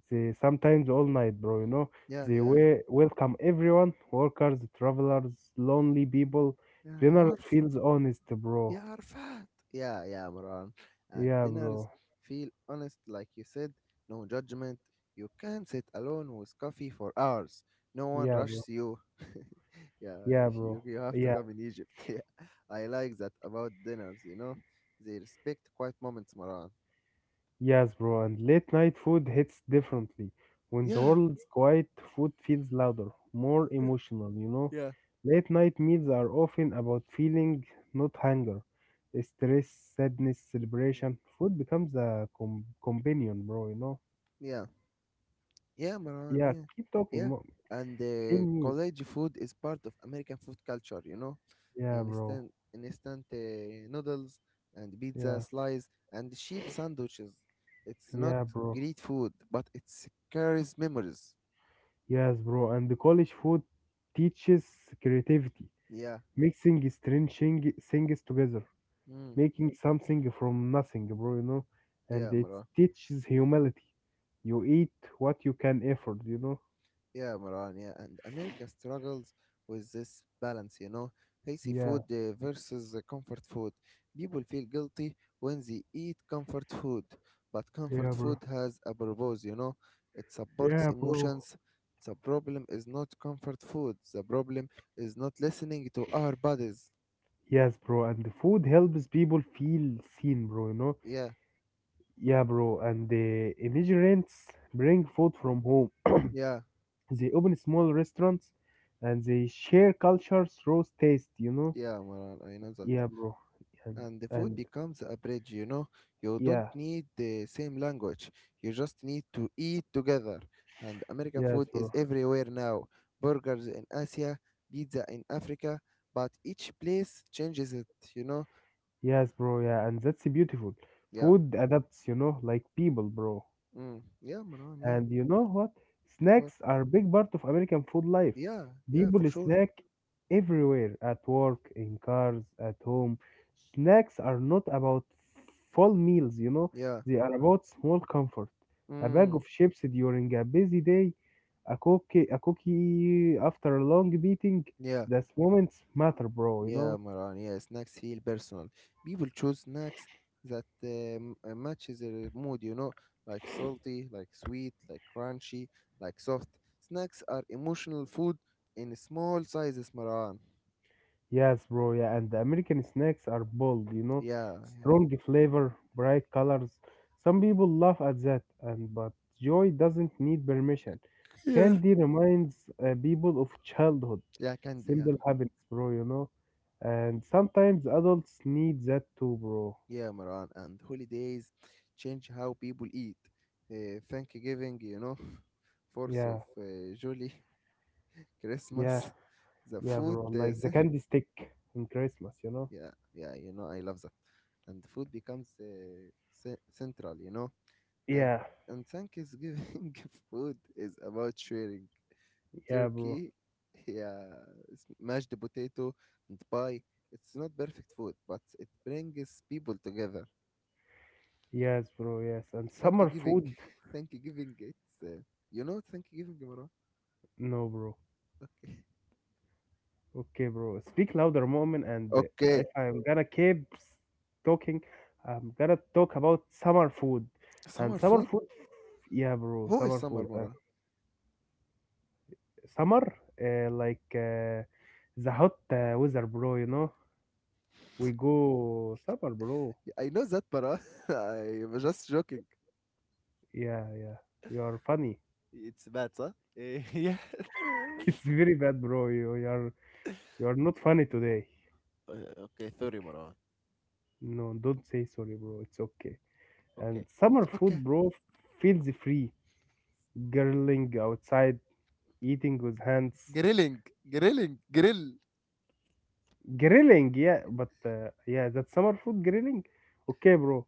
[SPEAKER 2] They sometimes all night, bro. You know,
[SPEAKER 1] Yeah,
[SPEAKER 2] they
[SPEAKER 1] yeah,
[SPEAKER 2] we- welcome everyone, workers, travelers, lonely people.
[SPEAKER 1] yeah.
[SPEAKER 2] Dinner
[SPEAKER 1] You're
[SPEAKER 2] feels honest, bro.
[SPEAKER 1] يا عرفات. Yeah, yeah, Maran, at
[SPEAKER 2] Yeah,
[SPEAKER 1] dinners
[SPEAKER 2] bro.
[SPEAKER 1] feel honest, like you said. No judgment. You can sit alone with coffee for hours, no one
[SPEAKER 2] Yeah, bro.
[SPEAKER 1] rushes you. Yeah,
[SPEAKER 2] Yeah, bro.
[SPEAKER 1] you, you have to
[SPEAKER 2] Yeah.
[SPEAKER 1] come in Egypt. Yeah, I like that about dinners, you know, they respect quiet moments, Maran.
[SPEAKER 2] Yes, bro, and late night food hits differently. When the
[SPEAKER 1] Yeah,
[SPEAKER 2] world's quiet, food feels louder, more emotional, you know?
[SPEAKER 1] yeah.
[SPEAKER 2] Late night meals are often about feeling, not hunger. Stress, sadness,
[SPEAKER 1] Mm.
[SPEAKER 2] celebration. Food becomes a com- companion, bro, you know?
[SPEAKER 1] Yeah, yeah, Maran. Yeah,
[SPEAKER 2] Yeah, keep talking.
[SPEAKER 1] yeah,
[SPEAKER 2] mo-
[SPEAKER 1] and
[SPEAKER 2] Tell
[SPEAKER 1] uh,
[SPEAKER 2] me.
[SPEAKER 1] college food is part of American food culture. you know
[SPEAKER 2] Yeah, bro.
[SPEAKER 1] instant instant uh, noodles and pizza
[SPEAKER 2] Yeah,
[SPEAKER 1] slice and cheap sandwiches. It's not
[SPEAKER 2] yeah, bro.
[SPEAKER 1] great food, but it carries memories.
[SPEAKER 2] Yes, bro. And the college food teaches creativity,
[SPEAKER 1] Yeah.
[SPEAKER 2] mixing strange thing- things together.
[SPEAKER 1] Mm.
[SPEAKER 2] Making something from nothing, bro, you know, and
[SPEAKER 1] Yeah,
[SPEAKER 2] it
[SPEAKER 1] Mara.
[SPEAKER 2] teaches humility. You eat what you can afford, you know?
[SPEAKER 1] Yeah, Maran, yeah, and America struggles with this balance, you know, healthy
[SPEAKER 2] Yeah,
[SPEAKER 1] food uh, versus uh, comfort food. People feel guilty when they eat comfort food, but comfort
[SPEAKER 2] yeah, bro.
[SPEAKER 1] food has a purpose, you know, it supports
[SPEAKER 2] Yeah, bro.
[SPEAKER 1] emotions. The problem is not comfort food, the problem is not listening to our bodies.
[SPEAKER 2] Yes, bro, and the food helps people feel seen, bro, you know?
[SPEAKER 1] Yeah,
[SPEAKER 2] Yeah, bro, and the immigrants bring food from home.
[SPEAKER 1] yeah,
[SPEAKER 2] They open small restaurants and they share culture through taste, you know?
[SPEAKER 1] yeah, Maran, I know that.
[SPEAKER 2] Yeah, bro. And,
[SPEAKER 1] And the food
[SPEAKER 2] and
[SPEAKER 1] becomes a bridge, you know. You don't
[SPEAKER 2] yeah,
[SPEAKER 1] need the same language. You just need to eat together. And American
[SPEAKER 2] yes,
[SPEAKER 1] food is
[SPEAKER 2] bro.
[SPEAKER 1] everywhere now. Burgers in Asia, pizza in Africa, but each place changes it, you know.
[SPEAKER 2] Yes, bro. Yeah, and that's beautiful.
[SPEAKER 1] Yeah.
[SPEAKER 2] Food adapts, you know, like people, bro.
[SPEAKER 1] Mm. Yeah, Marwan, yeah.
[SPEAKER 2] And you know what?
[SPEAKER 1] What?
[SPEAKER 2] Snacks are a big part of American food life.
[SPEAKER 1] Yeah, yeah, for
[SPEAKER 2] People
[SPEAKER 1] sure.
[SPEAKER 2] snack everywhere, at work, in cars, at home. Snacks are not about full meals, you know,
[SPEAKER 1] Yeah.
[SPEAKER 2] they are about small comfort. A bag
[SPEAKER 1] Mm.
[SPEAKER 2] of chips during a busy day, a cookie, a cookie after a long meeting.
[SPEAKER 1] Yeah.
[SPEAKER 2] Those moments matter, bro, you
[SPEAKER 1] Yeah,
[SPEAKER 2] know.
[SPEAKER 1] Maran. Yeah, snacks feel personal. People choose snacks that um, uh, matches their mood. You know, like salty, like sweet, like crunchy, like soft. Snacks are emotional food in small sizes, Maran.
[SPEAKER 2] Yes, bro. Yeah, and the American snacks are bold, you know,
[SPEAKER 1] Yeah,
[SPEAKER 2] strong flavor, bright colors. Some people laugh at that, and but joy doesn't need permission.
[SPEAKER 1] yeah, yeah.
[SPEAKER 2] Candy reminds uh, people of childhood,
[SPEAKER 1] Yeah, candy. Yeah,
[SPEAKER 2] simple happiness, bro. You know, and sometimes adults need that too, bro.
[SPEAKER 1] yeah, Maran. And holidays change how people eat. Uh, Thanksgiving, you know, Fourth of
[SPEAKER 2] Yeah,
[SPEAKER 1] uh, July,
[SPEAKER 2] yeah,
[SPEAKER 1] Christmas. The
[SPEAKER 2] yeah,
[SPEAKER 1] food
[SPEAKER 2] bro.
[SPEAKER 1] uh,
[SPEAKER 2] Like the candy stick in Christmas, you know.
[SPEAKER 1] yeah. Yeah, you know, I love that. And food becomes uh, ce- central, you know. And
[SPEAKER 2] Yeah,
[SPEAKER 1] and Thanksgiving food is about sharing
[SPEAKER 2] yeah, bro.
[SPEAKER 1] turkey, yeah, it's mashed potato and pie. It's not perfect food, but it brings people together.
[SPEAKER 2] Yes, bro. Yes, and summer
[SPEAKER 1] Thanksgiving,
[SPEAKER 2] food.
[SPEAKER 1] Thanksgiving, it's uh, you know Thanksgiving, Mara.
[SPEAKER 2] No, bro.
[SPEAKER 1] Okay,
[SPEAKER 2] Okay, bro. Speak louder, moment, and uh,
[SPEAKER 1] okay.
[SPEAKER 2] if I'm gonna keep s- talking, I'm gonna talk about summer food. And
[SPEAKER 1] Summer
[SPEAKER 2] summer
[SPEAKER 1] food.
[SPEAKER 2] food, yeah, bro.
[SPEAKER 1] Who is
[SPEAKER 2] Summer
[SPEAKER 1] Summer,
[SPEAKER 2] food. Uh,
[SPEAKER 1] Mara?
[SPEAKER 2] summer, uh, like uh, the hot uh, weather, bro. You know, we go summer, bro.
[SPEAKER 1] Yeah, I know that, Mara. I'm just joking.
[SPEAKER 2] Yeah, yeah. You are funny.
[SPEAKER 1] It's bad, huh? yeah.
[SPEAKER 2] It's very bad, bro. You, you are you are not funny today.
[SPEAKER 1] Uh, okay, sorry, Marwan.
[SPEAKER 2] No, don't say sorry, bro. It's okay.
[SPEAKER 1] Okay.
[SPEAKER 2] And summer
[SPEAKER 1] Okay.
[SPEAKER 2] food, bro, feels free. Girling outside. Eating with hands.
[SPEAKER 1] Grilling. Grilling. Grill.
[SPEAKER 2] Grilling, yeah, but uh, yeah, that's summer food grilling. Okay, bro.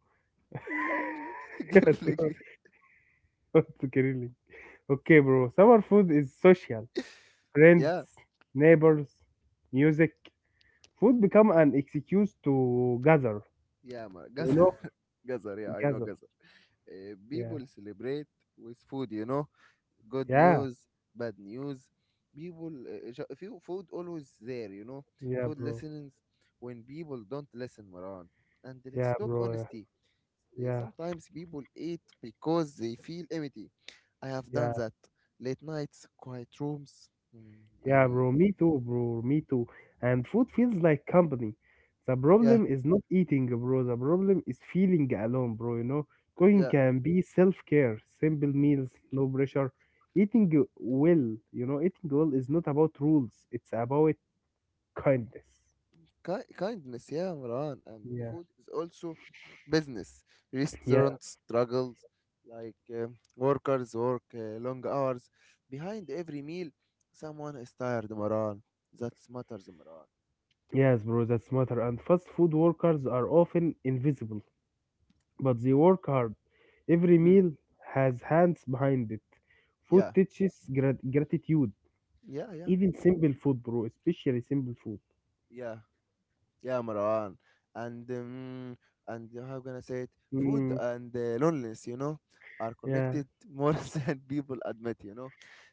[SPEAKER 2] Yeah, summer
[SPEAKER 1] Grilling.
[SPEAKER 2] food grilling. Okay, bro. Summer food is social. Friends,
[SPEAKER 1] Yeah,
[SPEAKER 2] neighbors, music. Food become an excuse to gather.
[SPEAKER 1] yeah, man.
[SPEAKER 2] You know,
[SPEAKER 1] Gazar. Gazar, yeah, I know
[SPEAKER 2] gather.
[SPEAKER 1] Gazar. Uh,
[SPEAKER 2] Yeah,
[SPEAKER 1] people celebrate with food, you know. Good
[SPEAKER 2] yeah,
[SPEAKER 1] news, bad news. People, uh, ju- if you- food always there, you know.
[SPEAKER 2] yeah,
[SPEAKER 1] Food
[SPEAKER 2] bro.
[SPEAKER 1] listens when people don't listen, Marwan. And let's
[SPEAKER 2] Yeah,
[SPEAKER 1] talk
[SPEAKER 2] bro. Yeah,
[SPEAKER 1] honesty. Uh,
[SPEAKER 2] yeah,
[SPEAKER 1] Sometimes people eat because they feel empty. I have
[SPEAKER 2] yeah.
[SPEAKER 1] done that. Late nights, quiet rooms. Mm.
[SPEAKER 2] Yeah,
[SPEAKER 1] I
[SPEAKER 2] bro, me too, bro, me too. And food feels like company. The
[SPEAKER 1] Yeah,
[SPEAKER 2] problem is not eating, bro. The problem is feeling alone, bro. You know, cooking
[SPEAKER 1] yeah.
[SPEAKER 2] can be self-care, simple meals, no pressure. Eating well, you know, eating well is not about rules. It's about kindness.
[SPEAKER 1] Ki- kindness, yeah, Imran, and the
[SPEAKER 2] Yeah.
[SPEAKER 1] food is also business.
[SPEAKER 2] Yeah.
[SPEAKER 1] Restaurants struggles like um, workers work uh, long hours. Behind every meal, someone is tired Imran. That matters Imran.
[SPEAKER 2] Yes, bro, that's matter. And fast food workers are often invisible, but they work hard. Every
[SPEAKER 1] Mm.
[SPEAKER 2] meal has hands behind it.
[SPEAKER 1] Yeah,
[SPEAKER 2] Food teaches grat- gratitude
[SPEAKER 1] yeah, yeah,
[SPEAKER 2] Even simple food, bro, especially simple food.
[SPEAKER 1] yeah. Yeah, Marwan. And um, and how can I say it? Food
[SPEAKER 2] Mm,
[SPEAKER 1] and uh, loneliness, you know, are
[SPEAKER 2] yeah,
[SPEAKER 1] connected more than people admit. You know,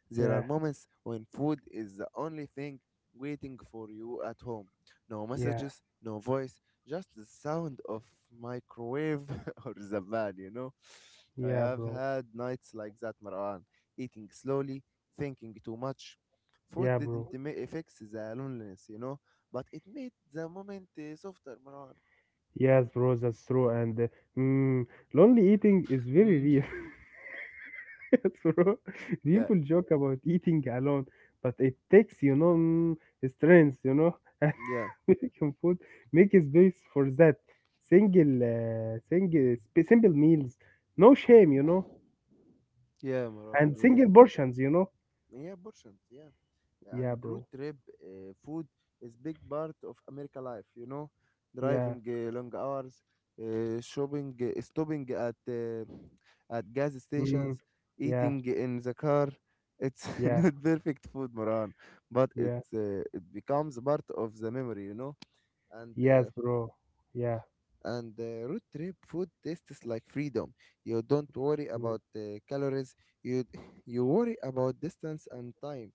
[SPEAKER 1] there are
[SPEAKER 2] yeah,
[SPEAKER 1] moments when food is the only thing waiting for you at home. No
[SPEAKER 2] yeah,
[SPEAKER 1] messages, no voice, just the sound of microwave or the van. You know, I
[SPEAKER 2] yeah,
[SPEAKER 1] have
[SPEAKER 2] bro.
[SPEAKER 1] had nights like that, Marwan, eating slowly, thinking too much. Food
[SPEAKER 2] Yeah,
[SPEAKER 1] didn't
[SPEAKER 2] bro.
[SPEAKER 1] ma- fix the loneliness, you know but it made the moment uh, softer, Marwan.
[SPEAKER 2] Yes, bro, that's true. And uh, mm, lonely eating is very
[SPEAKER 1] Mm.
[SPEAKER 2] real, yes, bro.
[SPEAKER 1] Yeah,
[SPEAKER 2] People joke about eating alone, but it takes, you know, mm, strength, you know, and
[SPEAKER 1] yeah,
[SPEAKER 2] American food make space for that. Single, uh, single, sp- simple meals, no shame, you know,
[SPEAKER 1] yeah, Marwan.
[SPEAKER 2] and
[SPEAKER 1] Yeah,
[SPEAKER 2] single portions, you know.
[SPEAKER 1] yeah, portions. Yeah, yeah, and
[SPEAKER 2] Yeah,
[SPEAKER 1] road
[SPEAKER 2] bro.
[SPEAKER 1] trip uh, food is big part of America life. You know,
[SPEAKER 2] Yeah.
[SPEAKER 1] driving uh, long hours, uh, shopping, uh, stopping at uh, at gas
[SPEAKER 2] Mm,
[SPEAKER 1] stations,
[SPEAKER 2] yeah.
[SPEAKER 1] eating in the car. It's
[SPEAKER 2] Yeah.
[SPEAKER 1] not perfect food, Moran. But
[SPEAKER 2] Yeah.
[SPEAKER 1] it's uh, it becomes part of the memory. You know, and uh,
[SPEAKER 2] Yes, bro. Yeah.
[SPEAKER 1] and uh, road trip food tastes like freedom. You don't worry
[SPEAKER 2] Mm.
[SPEAKER 1] about uh, calories. You you worry about distance and time.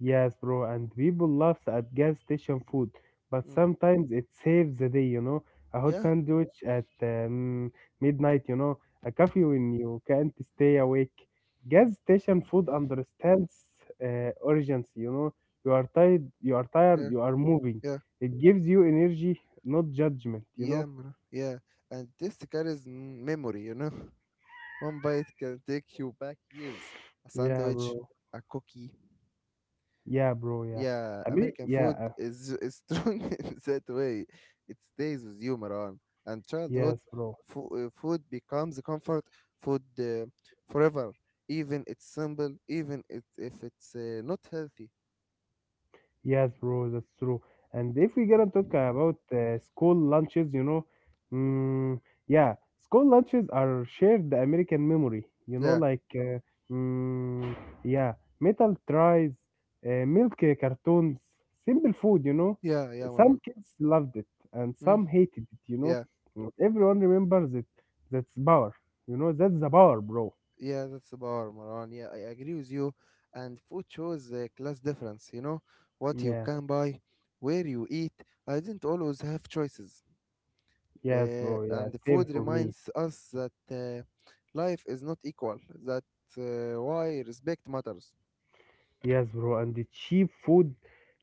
[SPEAKER 2] Yes, bro. And people laughs at gas station food, but
[SPEAKER 1] Mm.
[SPEAKER 2] sometimes it saves the day, you know. A hot
[SPEAKER 1] Yeah,
[SPEAKER 2] sandwich at um, midnight, you know. A coffee when you can't stay awake. Gas station food understands uh, urgency, you know. You are tired, you are tired,
[SPEAKER 1] yeah,
[SPEAKER 2] you are moving.
[SPEAKER 1] yeah,
[SPEAKER 2] It gives you energy, not judgment, you
[SPEAKER 1] yeah,
[SPEAKER 2] know.
[SPEAKER 1] mra- yeah. And this carries m- memory. You know, one bite can take you back years. A
[SPEAKER 2] Yeah,
[SPEAKER 1] sandwich,
[SPEAKER 2] bro.
[SPEAKER 1] a cookie.
[SPEAKER 2] Yeah, bro. Yeah.
[SPEAKER 1] Yeah,
[SPEAKER 2] I mean,
[SPEAKER 1] American
[SPEAKER 2] yeah.
[SPEAKER 1] food
[SPEAKER 2] uh,
[SPEAKER 1] is, is strong in that way. It stays with you, Maran. And childhood
[SPEAKER 2] Yes, bro.
[SPEAKER 1] fo- uh, food becomes a comfort food uh, forever, even it's simple, even it, if it's uh, not healthy.
[SPEAKER 2] Yes, bro, that's true. And if we're gonna talk about uh, school lunches, you know, mm, yeah, school lunches are shared American memory, you know,
[SPEAKER 1] Yeah,
[SPEAKER 2] like, uh, mm, yeah, metal tries, uh, milk uh, cartoons, simple food, you know.
[SPEAKER 1] yeah, yeah, Maran.
[SPEAKER 2] Some kids loved it and
[SPEAKER 1] Mm,
[SPEAKER 2] some hated it, you know.
[SPEAKER 1] yeah,
[SPEAKER 2] Mm, everyone remembers it. That's power, you know, that's the power, bro.
[SPEAKER 1] yeah, that's the power, Maran. Yeah, I agree with you. And food shows the class difference, you know, what you
[SPEAKER 2] Yeah,
[SPEAKER 1] can buy, where you eat. I didn't always have choices.
[SPEAKER 2] yes,
[SPEAKER 1] Uh,
[SPEAKER 2] bro, yeah,
[SPEAKER 1] and the
[SPEAKER 2] same
[SPEAKER 1] food
[SPEAKER 2] for me.
[SPEAKER 1] reminds us that uh, life is not equal. That uh, why respect matters.
[SPEAKER 2] Yes, bro, and the cheap food,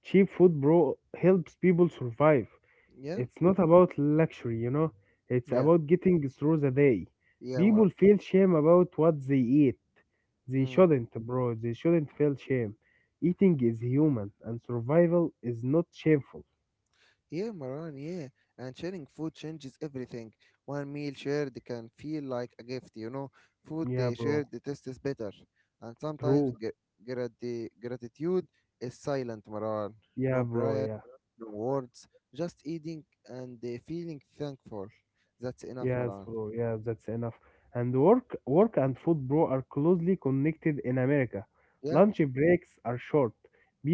[SPEAKER 2] cheap food, bro, helps people survive.
[SPEAKER 1] Yeah,
[SPEAKER 2] It's not about luxury, you know, it's
[SPEAKER 1] yeah,
[SPEAKER 2] about getting through the day.
[SPEAKER 1] yeah, Mar-
[SPEAKER 2] People feel shame about what they eat. They
[SPEAKER 1] mm.
[SPEAKER 2] shouldn't, bro, they shouldn't feel shame. Eating is human, and survival is not shameful.
[SPEAKER 1] Yeah, Maran. Yeah, and sharing food changes everything. One meal shared can feel like a gift. You know, food
[SPEAKER 2] Yeah,
[SPEAKER 1] they
[SPEAKER 2] bro,
[SPEAKER 1] shared the taste is better, and sometimes
[SPEAKER 2] true.
[SPEAKER 1] gra- grati- gratitude is silent, Maran.
[SPEAKER 2] Yeah,
[SPEAKER 1] No
[SPEAKER 2] bro,
[SPEAKER 1] prayer,
[SPEAKER 2] yeah.
[SPEAKER 1] no words, just eating and uh, feeling thankful. That's enough,
[SPEAKER 2] Yes,
[SPEAKER 1] Maran.
[SPEAKER 2] bro. Yes, that's enough. And work, work and food, bro, are closely connected in America.
[SPEAKER 1] Yeah.
[SPEAKER 2] Lunch breaks are short.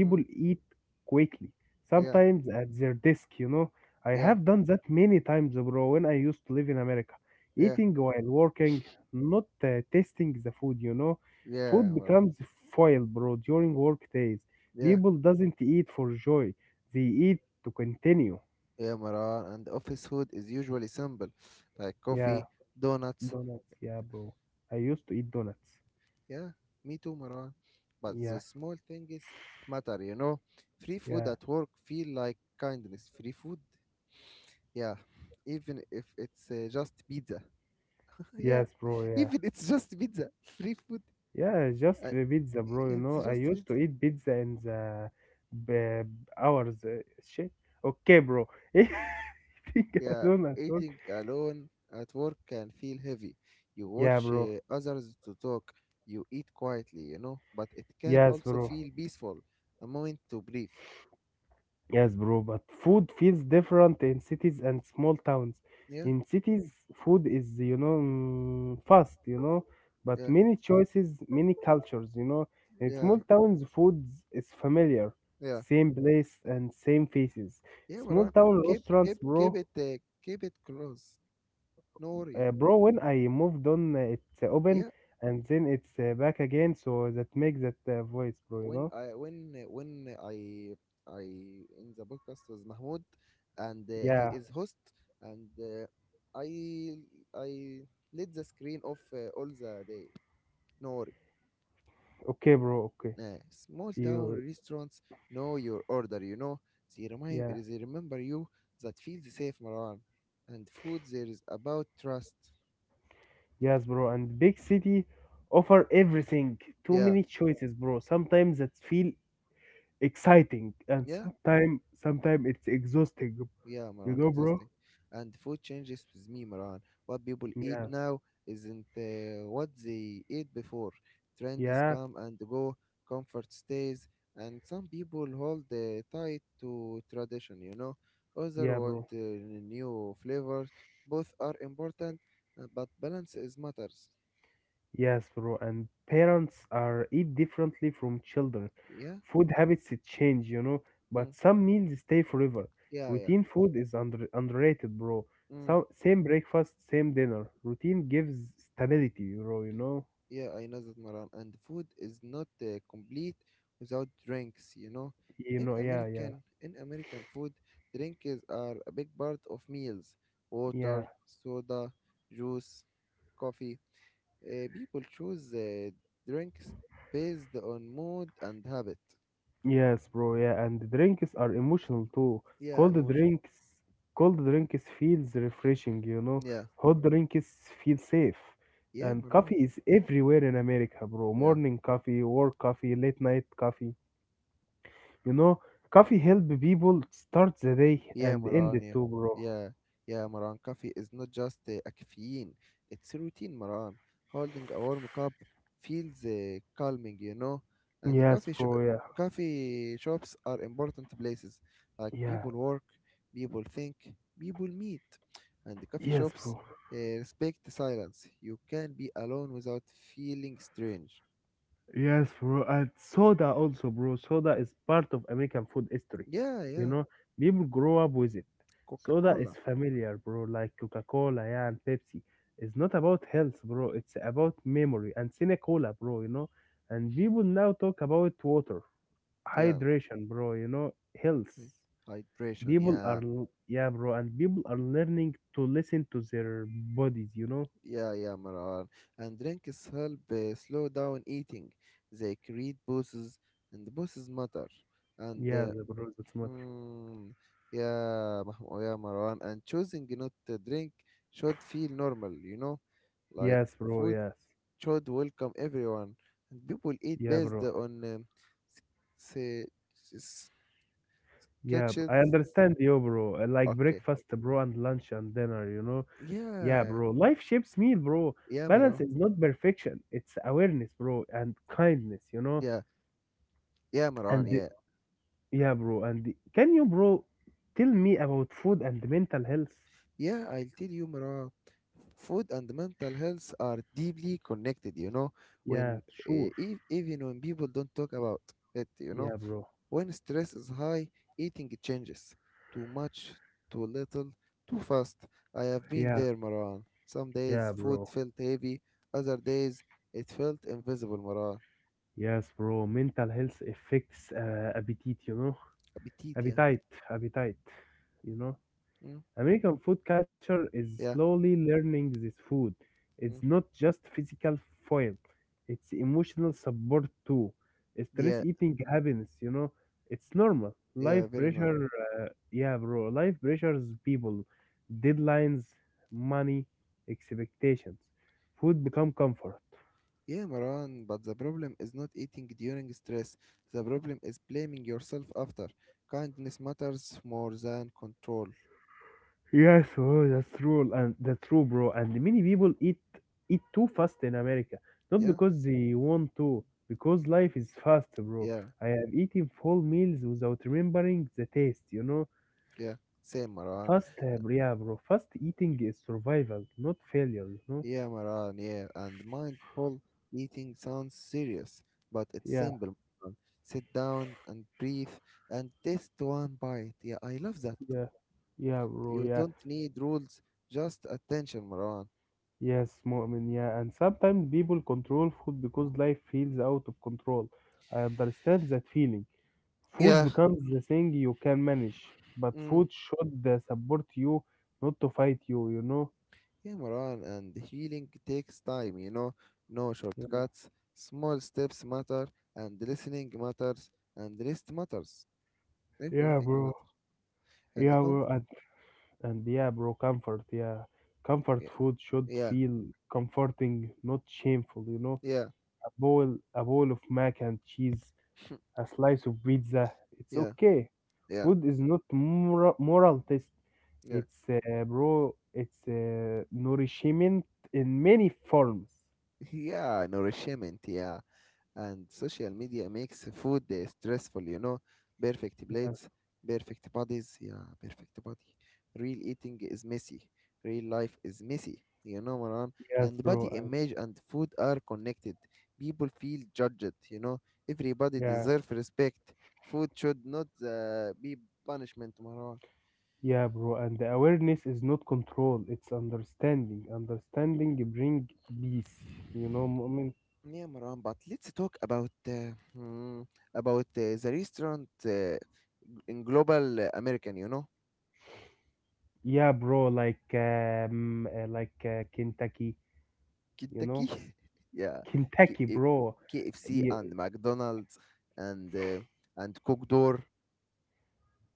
[SPEAKER 1] Mm.
[SPEAKER 2] eat quickly,
[SPEAKER 1] Yeah,
[SPEAKER 2] sometimes at their desk, you know. I
[SPEAKER 1] yeah,
[SPEAKER 2] have done that many times, bro, when I used to live in America.
[SPEAKER 1] yeah,
[SPEAKER 2] Eating while working, not uh, tasting the food, you know.
[SPEAKER 1] yeah,
[SPEAKER 2] Food
[SPEAKER 1] Mara.
[SPEAKER 2] becomes foil, bro, during work days.
[SPEAKER 1] Yeah,
[SPEAKER 2] People doesn't eat for joy. They eat to continue.
[SPEAKER 1] yeah, Mara. And office food is usually simple, like
[SPEAKER 2] Yeah.
[SPEAKER 1] coffee, donuts.
[SPEAKER 2] Donuts, yeah, bro. I used to eat donuts.
[SPEAKER 1] Yeah, me too, Mara. But
[SPEAKER 2] Yeah,
[SPEAKER 1] the small things matter, you know. Free food
[SPEAKER 2] yeah,
[SPEAKER 1] at work feel like kindness. Free food, yeah. Even if it's uh, just pizza. yeah,
[SPEAKER 2] yes, bro, yeah.
[SPEAKER 1] even it's just pizza. Free food,
[SPEAKER 2] Yeah, just
[SPEAKER 1] uh,
[SPEAKER 2] the pizza, bro, you
[SPEAKER 1] it's
[SPEAKER 2] know. I
[SPEAKER 1] just
[SPEAKER 2] used
[SPEAKER 1] pizza.
[SPEAKER 2] to eat pizza in the b- hours. uh, Shit. Okay, bro. Think
[SPEAKER 1] Yeah,
[SPEAKER 2] alone at all.
[SPEAKER 1] eating alone at work can feel heavy. You
[SPEAKER 2] Yeah,
[SPEAKER 1] watch
[SPEAKER 2] bro.
[SPEAKER 1] uh, others to talk, you eat quietly, you know, but it can
[SPEAKER 2] Yes,
[SPEAKER 1] also
[SPEAKER 2] bro.
[SPEAKER 1] feel peaceful, a moment to breathe.
[SPEAKER 2] Yes, bro, but food feels different in cities and small towns.
[SPEAKER 1] Yeah,
[SPEAKER 2] In cities, food is, you know, mm, fast, you know, but
[SPEAKER 1] yeah,
[SPEAKER 2] many choices, many cultures, you know. In
[SPEAKER 1] yeah,
[SPEAKER 2] small towns, food is familiar,
[SPEAKER 1] yeah.
[SPEAKER 2] same place and same faces.
[SPEAKER 1] Yeah,
[SPEAKER 2] Small
[SPEAKER 1] Maran,
[SPEAKER 2] town
[SPEAKER 1] keep keep
[SPEAKER 2] restaurants,
[SPEAKER 1] keep
[SPEAKER 2] bro.
[SPEAKER 1] it uh, keep it close. No worry.
[SPEAKER 2] Uh, bro, when I moved on, uh, it's eh, open
[SPEAKER 1] Yeah,
[SPEAKER 2] and then it's uh, back again, so that makes that uh, voice, bro, you
[SPEAKER 1] when
[SPEAKER 2] know.
[SPEAKER 1] I when uh, when I I in the podcast with Mahmoud and uh, he
[SPEAKER 2] Yeah,
[SPEAKER 1] is host and uh, I I let the screen off uh, all the day Nori.
[SPEAKER 2] okay, bro, okay.
[SPEAKER 1] Nah, small town
[SPEAKER 2] You,
[SPEAKER 1] restaurants know your order, you know. They, remind,
[SPEAKER 2] yeah.
[SPEAKER 1] they remember you that feels safe, Marwan. And food there is about trust.
[SPEAKER 2] Yes, bro. And big city offer everything. Too
[SPEAKER 1] Yeah,
[SPEAKER 2] many choices, bro. Sometimes that feel exciting, and
[SPEAKER 1] yeah.
[SPEAKER 2] sometimes sometimes it's exhausting.
[SPEAKER 1] Yeah,
[SPEAKER 2] You
[SPEAKER 1] Maran,
[SPEAKER 2] know, bro?
[SPEAKER 1] existing. And food changes with me, Maran. What people eat
[SPEAKER 2] Yeah,
[SPEAKER 1] now isn't uh, what they ate before. Trends
[SPEAKER 2] yeah,
[SPEAKER 1] come and go, comfort stays, and some people hold uh, tight to tradition, you know. Others
[SPEAKER 2] yeah,
[SPEAKER 1] want
[SPEAKER 2] bro.
[SPEAKER 1] uh, new flavors. Both are important, uh, but balance is matters.
[SPEAKER 2] Yes, bro. And parents are eat differently from children.
[SPEAKER 1] Yeah?
[SPEAKER 2] Food habits it change, you know. But
[SPEAKER 1] Mm.
[SPEAKER 2] some meals stay forever.
[SPEAKER 1] Yeah, yeah.
[SPEAKER 2] Routine food is under underrated, bro.
[SPEAKER 1] Mm.
[SPEAKER 2] Some same breakfast, same dinner. Routine gives stability, bro. You know.
[SPEAKER 1] Yeah, I know that, Maran. And food is not uh, complete without drinks, you know.
[SPEAKER 2] You
[SPEAKER 1] In
[SPEAKER 2] know. Yeah, yeah,
[SPEAKER 1] American, in American food, drinks are a big part of meals.
[SPEAKER 2] yeah.
[SPEAKER 1] Water, soda, juice, coffee. Uh, people choose uh, drinks based on mood and habit.
[SPEAKER 2] Yes, bro. Yeah, and the drinks are emotional too.
[SPEAKER 1] Yeah,
[SPEAKER 2] Cold
[SPEAKER 1] emotion.
[SPEAKER 2] drinks, cold drinks feels refreshing, you know.
[SPEAKER 1] Yeah,
[SPEAKER 2] Hot drinks feel safe.
[SPEAKER 1] yeah,
[SPEAKER 2] And
[SPEAKER 1] Maran.
[SPEAKER 2] coffee is everywhere in America, bro.
[SPEAKER 1] Yeah.
[SPEAKER 2] Morning coffee, work coffee, late night coffee. You know, coffee help people start the day
[SPEAKER 1] Yeah,
[SPEAKER 2] and end
[SPEAKER 1] Maran.
[SPEAKER 2] it
[SPEAKER 1] Yeah,
[SPEAKER 2] too, bro.
[SPEAKER 1] yeah, yeah, Maran. Coffee is not just uh, a caffeine; it's a routine, Maran. Holding a warm cup feels uh, calming, you know. And the
[SPEAKER 2] Yes,
[SPEAKER 1] coffee sh-
[SPEAKER 2] bro. Yeah,
[SPEAKER 1] coffee shops are important places. Like
[SPEAKER 2] yeah.
[SPEAKER 1] people work, people think, people meet, and the coffee
[SPEAKER 2] Yes, bro.
[SPEAKER 1] shops uh, respect the silence. You can be alone without feeling strange.
[SPEAKER 2] Yes, bro. And soda also, bro. Soda is part of American food history.
[SPEAKER 1] Yeah,
[SPEAKER 2] You
[SPEAKER 1] yeah.
[SPEAKER 2] know, people grow up with it.
[SPEAKER 1] Coca
[SPEAKER 2] Soda is
[SPEAKER 1] Cola.
[SPEAKER 2] familiar, bro, like Coca-Cola, yeah, and Pepsi. It's not about health, bro. It's about memory and Cinecola, bro, you know. And people now talk about water,
[SPEAKER 1] Yeah.
[SPEAKER 2] hydration, bro, you know, health.
[SPEAKER 1] Hydration.
[SPEAKER 2] People
[SPEAKER 1] Yeah.
[SPEAKER 2] are, l- yeah, bro, and people are learning to listen to their bodies, you know.
[SPEAKER 1] Yeah, yeah, Maran. And drinks help uh, slow down eating. They create poses, and poses matter. And
[SPEAKER 2] Yeah,
[SPEAKER 1] uh,
[SPEAKER 2] bro, that's matter.
[SPEAKER 1] hmm, yeah, Mahmoud, yeah, Marwan. And choosing not to drink should feel normal, you know? Like
[SPEAKER 2] Yes, bro,
[SPEAKER 1] food
[SPEAKER 2] yes.
[SPEAKER 1] should welcome everyone. And people eat
[SPEAKER 2] Yeah,
[SPEAKER 1] based
[SPEAKER 2] bro.
[SPEAKER 1] on um, say just
[SPEAKER 2] Yeah, b-
[SPEAKER 1] catches.
[SPEAKER 2] I understand you, bro. I like
[SPEAKER 1] Okay.
[SPEAKER 2] breakfast, bro, and lunch and dinner, you know? Yeah,
[SPEAKER 1] Yeah,
[SPEAKER 2] bro. Life shapes meal, bro.
[SPEAKER 1] yeah,
[SPEAKER 2] Balance
[SPEAKER 1] Maran.
[SPEAKER 2] is not perfection, it's awareness, bro, and kindness, you know?
[SPEAKER 1] Yeah, yeah, Maran.
[SPEAKER 2] And the-
[SPEAKER 1] Yeah.
[SPEAKER 2] yeah, bro. And the- can you, bro, tell me about food and mental health?
[SPEAKER 1] Yeah, I'll tell you, Mara. Food and mental health are deeply connected, you know.
[SPEAKER 2] Yeah,
[SPEAKER 1] When uh,
[SPEAKER 2] sure.
[SPEAKER 1] ev- even when people don't talk about it, you know,
[SPEAKER 2] Yeah, bro.
[SPEAKER 1] when stress is high, eating changes. Too much, too little, too fast. I have been
[SPEAKER 2] Yeah,
[SPEAKER 1] there, Maran. Some
[SPEAKER 2] yeah,
[SPEAKER 1] days food
[SPEAKER 2] bro.
[SPEAKER 1] felt heavy, other days it felt invisible, Maran.
[SPEAKER 2] Yes, bro. Mental health affects uh, appetite, you know?
[SPEAKER 1] Appetite, yeah.
[SPEAKER 2] Appetite, appetite, you know?
[SPEAKER 1] Mm,
[SPEAKER 2] American food culture is
[SPEAKER 1] yeah.
[SPEAKER 2] slowly learning this food.
[SPEAKER 1] Mm,
[SPEAKER 2] It's not just physical foil, it's emotional support too. Stress
[SPEAKER 1] yeah.
[SPEAKER 2] eating happens, you know, it's normal. Life
[SPEAKER 1] Yeah, very normal.
[SPEAKER 2] pressure, yeah, bro, life pressures people, deadlines, money, expectations. Food become comfort.
[SPEAKER 1] Yeah, Maran, but the problem is not eating during stress. The problem is blaming yourself after. Kindness matters more than control.
[SPEAKER 2] Yes, oh, that's true, and that's true, bro. And many people eat eat too fast in America, not
[SPEAKER 1] Yeah,
[SPEAKER 2] because they want to, because life is fast, bro.
[SPEAKER 1] yeah,
[SPEAKER 2] I have eaten full meals without remembering the taste, you know.
[SPEAKER 1] yeah. Same, Maran.
[SPEAKER 2] Fast, uh, yeah, bro. Fast eating is survival, not failure, you know.
[SPEAKER 1] Yeah, Maran, yeah. And mindful eating sounds serious, but it's
[SPEAKER 2] Yeah,
[SPEAKER 1] simple. Maran. Sit down and breathe and taste one bite. Yeah, I love that.
[SPEAKER 2] yeah, yeah, bro.
[SPEAKER 1] You
[SPEAKER 2] Yeah,
[SPEAKER 1] don't need rules, just attention, Maran.
[SPEAKER 2] yes, Mu'min. Yeah, and sometimes people control food because life feels out of control. I understand that feeling. Food
[SPEAKER 1] Yeah.
[SPEAKER 2] becomes the thing you can manage, but
[SPEAKER 1] Mm.
[SPEAKER 2] food should uh, support you, not to fight you, you know?
[SPEAKER 1] Yeah, Maran, and healing takes time, you know, no
[SPEAKER 2] Yeah,
[SPEAKER 1] shortcuts. Small steps matter, and listening matters, and rest matters.
[SPEAKER 2] yeah,
[SPEAKER 1] Everything
[SPEAKER 2] bro.
[SPEAKER 1] matters. And the
[SPEAKER 2] Yeah,
[SPEAKER 1] conf-
[SPEAKER 2] bro. And, and yeah, bro, comfort. Yeah. Comfort
[SPEAKER 1] yeah,
[SPEAKER 2] food should
[SPEAKER 1] yeah,
[SPEAKER 2] feel comforting, not shameful, you know?
[SPEAKER 1] yeah,
[SPEAKER 2] A bowl, a bowl of mac and cheese, a slice of pizza, it's
[SPEAKER 1] yeah,
[SPEAKER 2] okay.
[SPEAKER 1] yeah,
[SPEAKER 2] Food is not moral, moral test.
[SPEAKER 1] yeah,
[SPEAKER 2] It's, uh, bro, it's uh, nourishment in many forms.
[SPEAKER 1] yeah, nourishment, yeah. And social media makes food uh, stressful, you know perfect plates, perfect bodies, yeah, perfect body, real eating is messy, real life is messy, you know, Maran.
[SPEAKER 2] Yes,
[SPEAKER 1] And
[SPEAKER 2] bro.
[SPEAKER 1] body
[SPEAKER 2] Uh,
[SPEAKER 1] image and food are connected, people feel judged you know everybody
[SPEAKER 2] Yeah.
[SPEAKER 1] deserves respect. Food should not uh, be punishment, Maran.
[SPEAKER 2] Yeah, bro, and the awareness is not control, it's understanding. Understanding bring peace, you know, moment.
[SPEAKER 1] Yeah, Maran, but let's talk about uh, mm, about uh, the restaurant uh, in global uh, American, you know.
[SPEAKER 2] Yeah, bro, like um, uh, like uh, Kentucky, you
[SPEAKER 1] Kentucky,
[SPEAKER 2] know,
[SPEAKER 1] yeah, K-
[SPEAKER 2] Kentucky,
[SPEAKER 1] eh,
[SPEAKER 2] bro.
[SPEAKER 1] K F C
[SPEAKER 2] Ye-
[SPEAKER 1] and McDonald's and uh, and Cook Door,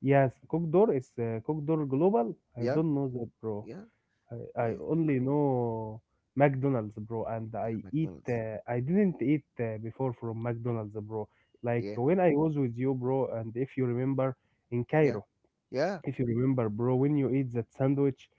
[SPEAKER 2] Yes, Cookdoor is uh, Cookdoor Global. I
[SPEAKER 1] yeah,
[SPEAKER 2] don't know that, bro.
[SPEAKER 1] yeah,
[SPEAKER 2] I, I
[SPEAKER 1] yeah,
[SPEAKER 2] only know McDonald's, bro, and
[SPEAKER 1] yeah,
[SPEAKER 2] I eat.
[SPEAKER 1] McDonald's,
[SPEAKER 2] Uh, I didn't eat uh, before from McDonald's, bro. Like
[SPEAKER 1] yeah,
[SPEAKER 2] when I was with you, bro, and if you remember in
[SPEAKER 1] yeah,
[SPEAKER 2] Cairo.
[SPEAKER 1] yeah,
[SPEAKER 2] If you remember, bro, when you eat that sandwich,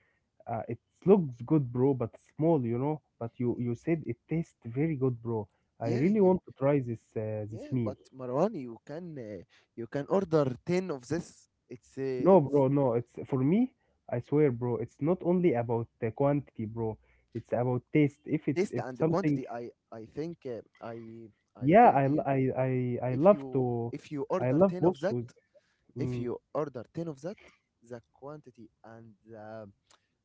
[SPEAKER 2] uh, it looks good, bro, but small, you know. But you you said it tastes very good, bro. I
[SPEAKER 1] yeah,
[SPEAKER 2] really
[SPEAKER 1] you,
[SPEAKER 2] want to try this uh, this
[SPEAKER 1] yeah.
[SPEAKER 2] meal.
[SPEAKER 1] But Marwan, you can uh, you can order ten of this. It's uh,
[SPEAKER 2] No,
[SPEAKER 1] it's
[SPEAKER 2] bro, no. It's for me. I swear, bro. It's not only about the quantity, bro. It's about taste. If it
[SPEAKER 1] taste
[SPEAKER 2] if
[SPEAKER 1] and the
[SPEAKER 2] something,
[SPEAKER 1] quantity. I I think, uh, I I
[SPEAKER 2] yeah, I
[SPEAKER 1] told
[SPEAKER 2] l-
[SPEAKER 1] you
[SPEAKER 2] I I, I
[SPEAKER 1] if
[SPEAKER 2] love
[SPEAKER 1] you
[SPEAKER 2] to,
[SPEAKER 1] if you
[SPEAKER 2] I
[SPEAKER 1] order
[SPEAKER 2] love
[SPEAKER 1] ten of that,
[SPEAKER 2] bossuz.
[SPEAKER 1] if
[SPEAKER 2] Mm.
[SPEAKER 1] you order ten of that, the quantity and the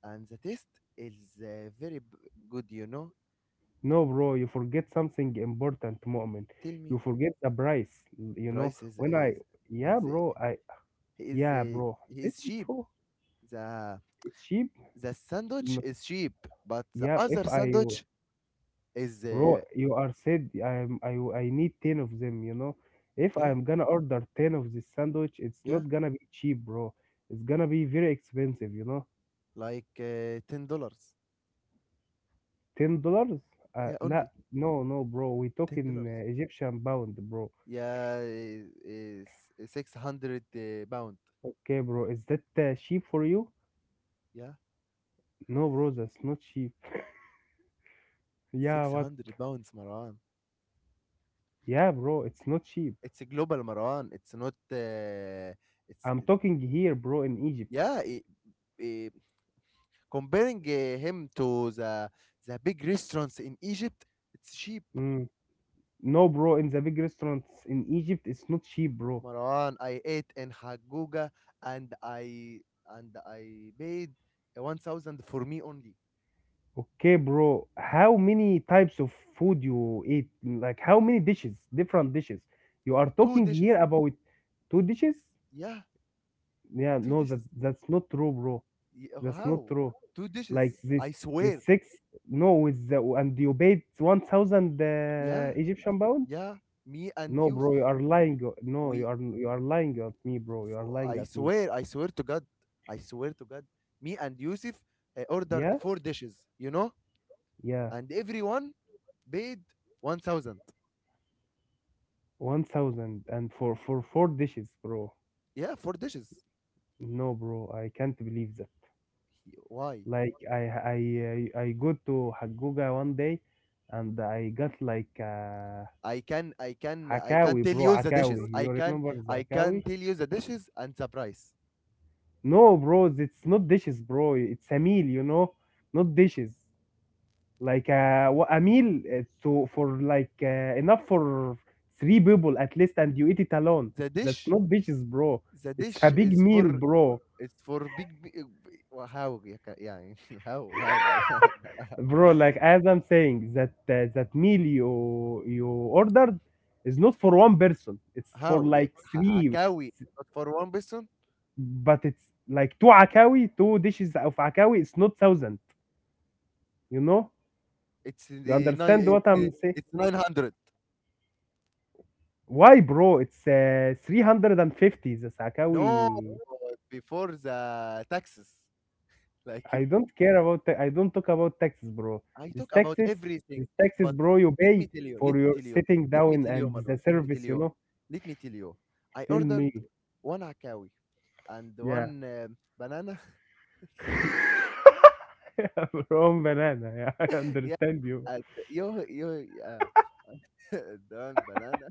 [SPEAKER 1] and the taste is uh, very b- good. You know,
[SPEAKER 2] No, bro, you forget something important, moment.
[SPEAKER 1] tell me,
[SPEAKER 2] You forget the price. You know
[SPEAKER 1] Bryce is
[SPEAKER 2] when I,
[SPEAKER 1] is
[SPEAKER 2] yeah,
[SPEAKER 1] is
[SPEAKER 2] bro. I
[SPEAKER 1] he is
[SPEAKER 2] Yeah,
[SPEAKER 1] uh,
[SPEAKER 2] bro.
[SPEAKER 1] he is
[SPEAKER 2] Betting
[SPEAKER 1] cheap.
[SPEAKER 2] through,
[SPEAKER 1] The
[SPEAKER 2] it's cheap.
[SPEAKER 1] the sandwich
[SPEAKER 2] No,
[SPEAKER 1] is cheap, but the
[SPEAKER 2] yeah, if
[SPEAKER 1] other
[SPEAKER 2] I
[SPEAKER 1] sandwich is
[SPEAKER 2] bro,
[SPEAKER 1] uh,
[SPEAKER 2] you are said I'm I I need ten of them, you know. If
[SPEAKER 1] yeah
[SPEAKER 2] I'm gonna order ten of this sandwich, it's
[SPEAKER 1] yeah
[SPEAKER 2] not gonna be cheap, bro. It's gonna be very expensive, you know.
[SPEAKER 1] like uh, ten dollars.
[SPEAKER 2] Ten dollars? Uh,
[SPEAKER 1] Yeah,
[SPEAKER 2] la,
[SPEAKER 1] only
[SPEAKER 2] no, no, bro. We
[SPEAKER 1] ten
[SPEAKER 2] talking
[SPEAKER 1] dollars.
[SPEAKER 2] uh, Egyptian pound, bro.
[SPEAKER 1] Yeah, is six hundred uh, pound.
[SPEAKER 2] Okay, bro. Is that uh, cheap for you?
[SPEAKER 1] Yeah,
[SPEAKER 2] No, bro. That's not cheap. Yeah,
[SPEAKER 1] six
[SPEAKER 2] what?
[SPEAKER 1] hundred pounds, Marwan.
[SPEAKER 2] Yeah, bro. It's not cheap.
[SPEAKER 1] It's a global, Marwan. It's not. Uh, it's
[SPEAKER 2] I'm
[SPEAKER 1] it-
[SPEAKER 2] talking here, bro, in Egypt.
[SPEAKER 1] yeah. It, Comparing uh, him to the the big restaurants in Egypt, it's cheap.
[SPEAKER 2] Mm. No, bro, in the big restaurants in Egypt, it's not cheap, bro.
[SPEAKER 1] Marwan, I ate in Haguga and I and I paid uh, one thousand for me only.
[SPEAKER 2] Okay, bro, how many types of food you eat? Like, how many dishes, different dishes? You are
[SPEAKER 1] Two
[SPEAKER 2] talking here
[SPEAKER 1] dishes.
[SPEAKER 2] about two dishes?
[SPEAKER 1] Yeah,
[SPEAKER 2] Yeah,
[SPEAKER 1] two
[SPEAKER 2] no, that
[SPEAKER 1] dishes.
[SPEAKER 2] that's not true, bro.
[SPEAKER 1] Y-
[SPEAKER 2] That's not
[SPEAKER 1] How?
[SPEAKER 2] true.
[SPEAKER 1] Two
[SPEAKER 2] Like
[SPEAKER 1] dishes.
[SPEAKER 2] this,
[SPEAKER 1] I
[SPEAKER 2] this
[SPEAKER 1] swear.
[SPEAKER 2] six, no, with the, and you paid one thousand uh,
[SPEAKER 1] Yeah,
[SPEAKER 2] Egyptian pound?
[SPEAKER 1] yeah. Me and
[SPEAKER 2] No, bro,
[SPEAKER 1] Yusuf.
[SPEAKER 2] you are lying. uh, No, you
[SPEAKER 1] We.
[SPEAKER 2] are you are lying at me, bro. You
[SPEAKER 1] f-
[SPEAKER 2] are lying
[SPEAKER 1] I
[SPEAKER 2] at me.
[SPEAKER 1] swear. I swear to God. I swear to God. Me and Yusuf uh, ordered
[SPEAKER 2] Yeah,
[SPEAKER 1] four dishes. You know
[SPEAKER 2] yeah.
[SPEAKER 1] and everyone paid one thousand.
[SPEAKER 2] One thousand and for for four dishes, bro.
[SPEAKER 1] Yeah, for dishes.
[SPEAKER 2] No, bro, I can't believe that.
[SPEAKER 1] Why?
[SPEAKER 2] Like I I I I go to Haguga one day, and I got like uh,
[SPEAKER 1] I can i can i can
[SPEAKER 2] hakawi,
[SPEAKER 1] tell
[SPEAKER 2] bro,
[SPEAKER 1] you the
[SPEAKER 2] hakawi.
[SPEAKER 1] dishes. i
[SPEAKER 2] You
[SPEAKER 1] can
[SPEAKER 2] remember the
[SPEAKER 1] i
[SPEAKER 2] hakawi?
[SPEAKER 1] can tell you the dishes and the price.
[SPEAKER 2] No, bro, it's not dishes, bro. It's a meal, you know, not dishes. Like uh, wha- a meal uh, to for like uh, enough for three people at least, and you eat it alone.
[SPEAKER 1] the
[SPEAKER 2] That's
[SPEAKER 1] dish
[SPEAKER 2] not dishes, bro.
[SPEAKER 1] the
[SPEAKER 2] It's a
[SPEAKER 1] dish
[SPEAKER 2] big
[SPEAKER 1] is
[SPEAKER 2] meal,
[SPEAKER 1] for
[SPEAKER 2] bro.
[SPEAKER 1] it's for big, bi- uh, bi- well, how, yeah, ca- yeah, how how Mar-
[SPEAKER 2] Bro, like as I'm saying that uh, that meal you you ordered is not for one person. It's for
[SPEAKER 1] how, yeah,
[SPEAKER 2] like
[SPEAKER 1] ha-
[SPEAKER 2] three
[SPEAKER 1] hakawi,
[SPEAKER 2] s-
[SPEAKER 1] but for one person
[SPEAKER 2] but it's like two akawi, two dishes of akawi. It's not thousand, you know.
[SPEAKER 1] it's in
[SPEAKER 2] You
[SPEAKER 1] the nine
[SPEAKER 2] understand what
[SPEAKER 1] it's uh,
[SPEAKER 2] I'm saying?
[SPEAKER 1] it's nine hundred.
[SPEAKER 2] Why, bro? It's uh, three hundred and fifty, the
[SPEAKER 1] No,
[SPEAKER 2] akawi.
[SPEAKER 1] before the taxes, like
[SPEAKER 2] I
[SPEAKER 1] you.
[SPEAKER 2] don't care about ta- I don't talk about taxes, bro.
[SPEAKER 1] I
[SPEAKER 2] This
[SPEAKER 1] talk about
[SPEAKER 2] taxes,
[SPEAKER 1] everything,
[SPEAKER 2] this taxes,
[SPEAKER 1] but
[SPEAKER 2] bro. You
[SPEAKER 1] let
[SPEAKER 2] pay
[SPEAKER 1] me tell you, let
[SPEAKER 2] for
[SPEAKER 1] me
[SPEAKER 2] your
[SPEAKER 1] tell you,
[SPEAKER 2] sitting
[SPEAKER 1] let me
[SPEAKER 2] down
[SPEAKER 1] tell you,
[SPEAKER 2] and
[SPEAKER 1] Marwan,
[SPEAKER 2] the
[SPEAKER 1] let me tell
[SPEAKER 2] service, you
[SPEAKER 1] you,
[SPEAKER 2] know.
[SPEAKER 1] let me tell you. I
[SPEAKER 2] Tell
[SPEAKER 1] ordered
[SPEAKER 2] me.
[SPEAKER 1] one akawi and one
[SPEAKER 2] Yeah.
[SPEAKER 1] um banana.
[SPEAKER 2] From banana. Yeah, I
[SPEAKER 1] yeah,
[SPEAKER 2] understand you.
[SPEAKER 1] and you, you, yeah, and one banana